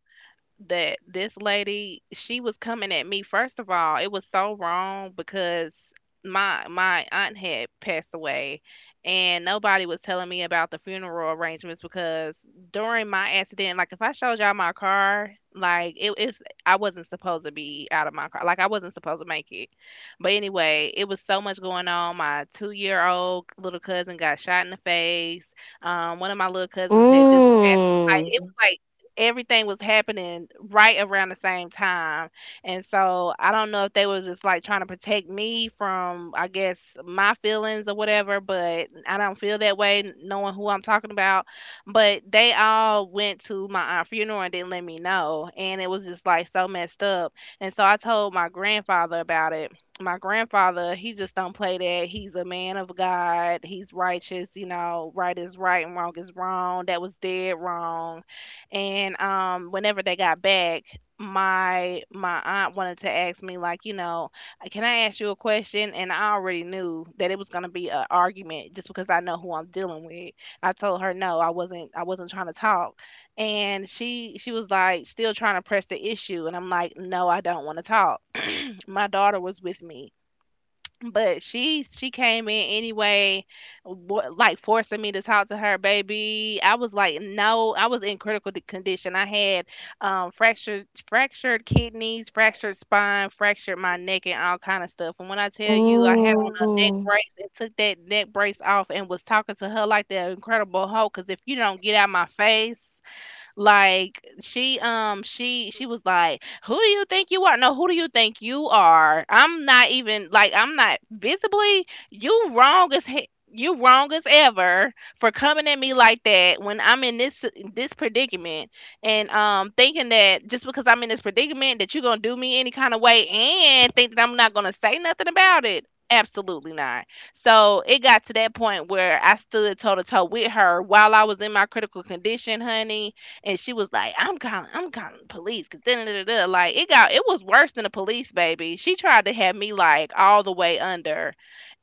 [SPEAKER 2] that this lady, she was coming at me, first of all, it was so wrong, because my aunt had passed away, and nobody was telling me about the funeral arrangements, because during my accident, like, if I showed y'all my car, like it is, I wasn't supposed to be out of my car, like I wasn't supposed to make it. But anyway, it was so much going on. My 2-year old little cousin got shot in the face, one of my little cousins had just passed. Like, it
[SPEAKER 3] Mm.
[SPEAKER 2] was like everything was happening right around the same time. And so I don't know if they was just like trying to protect me from, I guess, my feelings or whatever, but I don't feel that way knowing who I'm talking about. But they all went to my aunt's funeral and didn't let me know. And it was just like so messed up. And so I told my grandfather about it. My grandfather, he just don't play that. He's a man of God. He's righteous, you know, right is right and wrong is wrong. That was dead wrong. And whenever they got back, my aunt wanted to ask me, like, can I ask you a question? And I already knew that it was going to be an argument, just because I know who I'm dealing with. I told her no, I wasn't trying to talk. And she was like, still trying to press the issue, and I'm like, no, I don't want to talk. My daughter was with me, but she came in anyway, like, forcing me to talk to her. Baby, I was like, no, I was in critical condition. I had fractured kidneys, fractured spine, fractured my neck and all kind of stuff. And when I tell you, I had on a
[SPEAKER 3] Mm.
[SPEAKER 2] neck brace and took that neck brace off and was talking to her like the Incredible Hulk, because if you don't get out my face. Like, she was like, who do you think you are? No, who do you think you are? I'm not even like I'm not visibly, you wrong as he- you wrong as ever for coming at me like that when I'm in this predicament, and thinking that just because I'm in this predicament that you're gonna do me any kind of way and think that I'm not gonna say nothing about it. Absolutely not. So it got to that point where I stood toe to toe with her while I was in my critical condition, honey, and she was like, I'm calling, I'm calling the police. Cause da, da, da, da. Like, it was worse than the police, baby. She tried to have me like all the way under,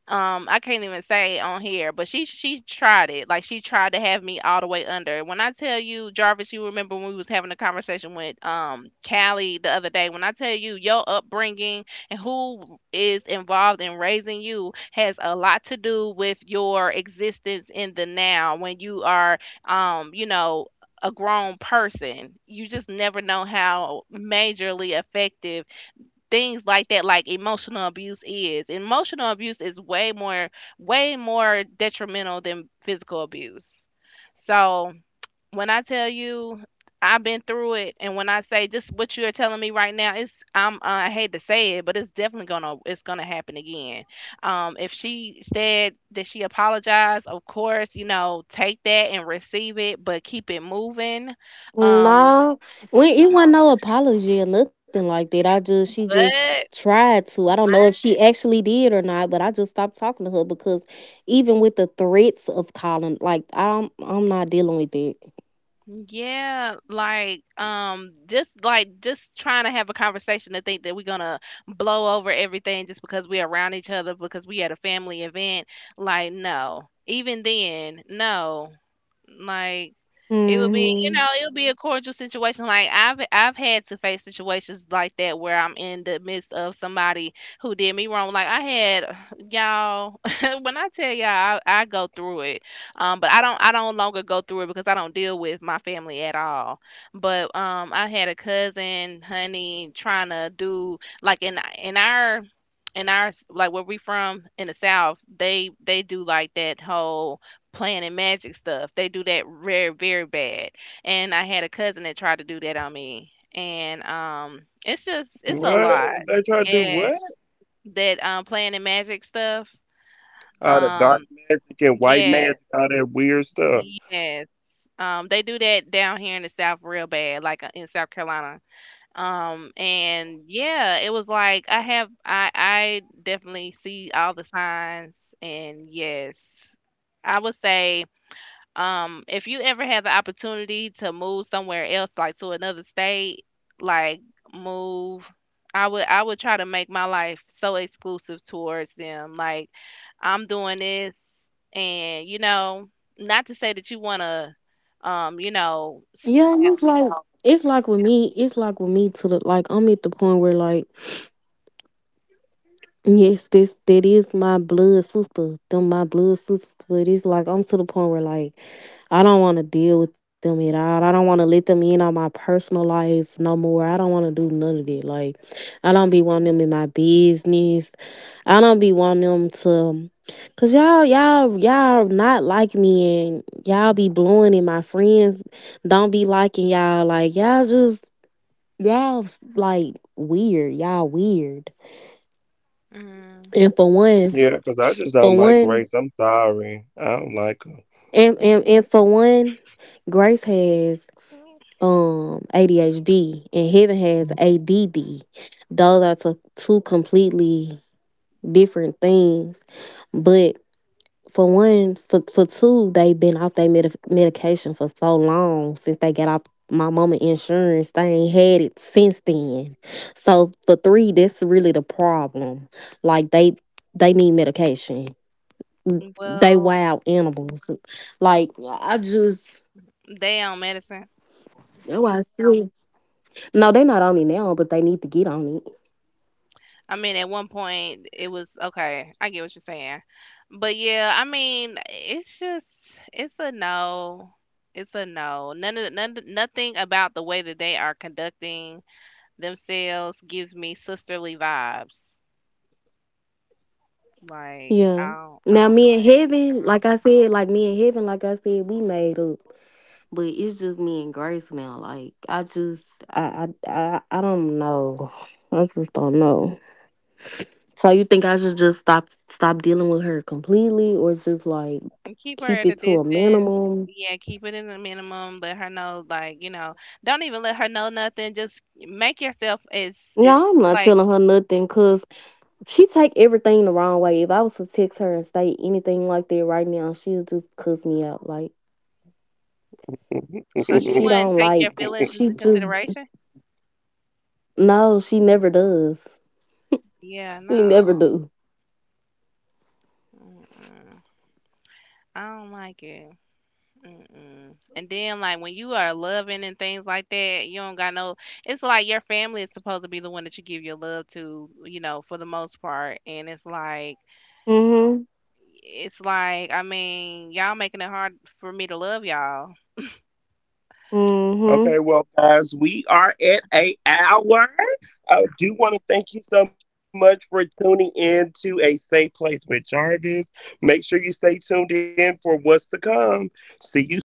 [SPEAKER 2] I can't even say on here, but she tried it. Like, she tried to have me all the way under. When I tell you, Jarvis, you remember when we was having a conversation with Callie the other day. When I tell you, your upbringing and who is involved in raising you has a lot to do with your existence in the now. When you are um you know a grown person, you just never know how majorly effective things like that, like emotional abuse is. Emotional abuse is way more detrimental than physical abuse. So when I tell you, I've been through it. And when I say, just what you're telling me right now, it's I'm I hate to say it, but it's definitely gonna happen again. If she said that she apologized, of course, take that and receive it, but keep it moving. Um
[SPEAKER 3] No, we it wasn't no apology or nothing like that. I just she just
[SPEAKER 2] but
[SPEAKER 3] tried to. I don't know if she actually did or not, but I just stopped talking to her because even with the threats of calling, like I'm not dealing with it.
[SPEAKER 2] Yeah, like just trying to have a conversation to think that we're gonna blow over everything just because we're around each other, because we at a family event. Like, no. Even then, no. Like, it would be, you
[SPEAKER 3] Hmm.
[SPEAKER 2] know, it would be a cordial situation. Like, I've had to face situations like that where I'm in the midst of somebody who did me wrong. Like, I had y'all when I tell y'all, I go through it. But I don't longer go through it because I don't deal with my family at all. But I had a cousin, honey, trying to do, like, like, where we from in the south, they do like that whole playing and magic stuff. They do that very very bad. And I had a cousin that tried to do that on me, and it's just it's a
[SPEAKER 1] What?
[SPEAKER 2] lot.
[SPEAKER 1] They try to do
[SPEAKER 2] Yeah,
[SPEAKER 1] what?
[SPEAKER 2] that playing and magic stuff.
[SPEAKER 1] All the dark
[SPEAKER 2] um
[SPEAKER 1] magic and white
[SPEAKER 2] yes,
[SPEAKER 1] magic, all that weird stuff.
[SPEAKER 2] yes, they do that down here in the south real bad, like, in South Carolina. And yeah, it was like, I have I definitely see all the signs. And yes, I would say, if you ever had the opportunity to move somewhere else, like to another state, like, move, I would try to make my life so exclusive towards them, like, I'm doing this, and not to say that you want to, um you know s-
[SPEAKER 3] Yeah, and it's like with me. It's like with me to the like I'm at the point where like. Yes, this that is my blood sister. Them my blood sisters, but it's like I'm to the point where like I don't want to deal with them at all. I don't want to let them in on my personal life no more. I don't want to do none of that. Like I don't be wanting them in my business. I don't be wanting them to, cause y'all not like me and y'all be blowing and my friends don't be liking y'all. Like y'all just y'all like weird. Y'all weird.
[SPEAKER 2] mm,
[SPEAKER 3] And for
[SPEAKER 1] Yeah,
[SPEAKER 3] one.
[SPEAKER 1] because I just don't
[SPEAKER 3] For
[SPEAKER 1] like
[SPEAKER 3] one,
[SPEAKER 1] Grace. I'm sorry. I don't like
[SPEAKER 3] and for one, Grace has ADHD and Heaven has ADD. Those are two completely different things. But for one, for two, they've been off their medication for so long since they got off my mama insurance. They ain't had it since then. So for three, that's really the problem. Like they need medication. They
[SPEAKER 2] well,
[SPEAKER 3] wild animals. Like I just
[SPEAKER 2] they damn medicine.
[SPEAKER 3] oh I see. No, they not on it now, but they need to get on it.
[SPEAKER 2] I mean, at one point it was okay. I get what you're saying, but yeah, I mean, it's just it's a no. It's a no. None of the- none, nothing about the way that they are conducting themselves gives me sisterly vibes. Like, I
[SPEAKER 3] Yeah.
[SPEAKER 2] don't, I
[SPEAKER 3] Now
[SPEAKER 2] don't
[SPEAKER 3] me and
[SPEAKER 2] get it.
[SPEAKER 3] Heaven, like I said, like me and Heaven, like I said, we made up. But it's just me and Grace now. Like I just I don't know. I just don't know. So you think I should just stop dealing with her completely or just like
[SPEAKER 2] And keep her
[SPEAKER 3] keep
[SPEAKER 2] at a
[SPEAKER 3] it to a
[SPEAKER 2] distance.
[SPEAKER 3] minimum?
[SPEAKER 2] Yeah, keep it in the minimum. Let her know, like, don't even let her know nothing. Just make yourself as, it's
[SPEAKER 3] Yeah, I'm not
[SPEAKER 2] like.
[SPEAKER 3] telling her nothing cause. She take everything the wrong way. If I was to text her and say anything like that right now, she'll just cuss me out. Like
[SPEAKER 2] So she
[SPEAKER 3] she
[SPEAKER 1] her.
[SPEAKER 2] wouldn't
[SPEAKER 3] don't
[SPEAKER 2] take your
[SPEAKER 3] like
[SPEAKER 2] feelings
[SPEAKER 3] she
[SPEAKER 2] into
[SPEAKER 3] just
[SPEAKER 2] consideration?
[SPEAKER 3] no, she never does.
[SPEAKER 2] Yeah,
[SPEAKER 3] She never
[SPEAKER 2] no.
[SPEAKER 3] do.
[SPEAKER 2] Mm-mm. I don't like it. Mm-mm. And then, like, when you are loving and things like that, you don't got no. It's like your family is supposed to be the one that you give your love to, for the most part. And it's like,
[SPEAKER 3] Mm-hmm.
[SPEAKER 2] it's like, I mean, y'all making it hard for me to love y'all.
[SPEAKER 1] Okay, well, guys, we are at a hour. I do want to thank you so much for tuning in to A Safe Place with Jarvis. Make sure you stay tuned in for what's to come. See you soon.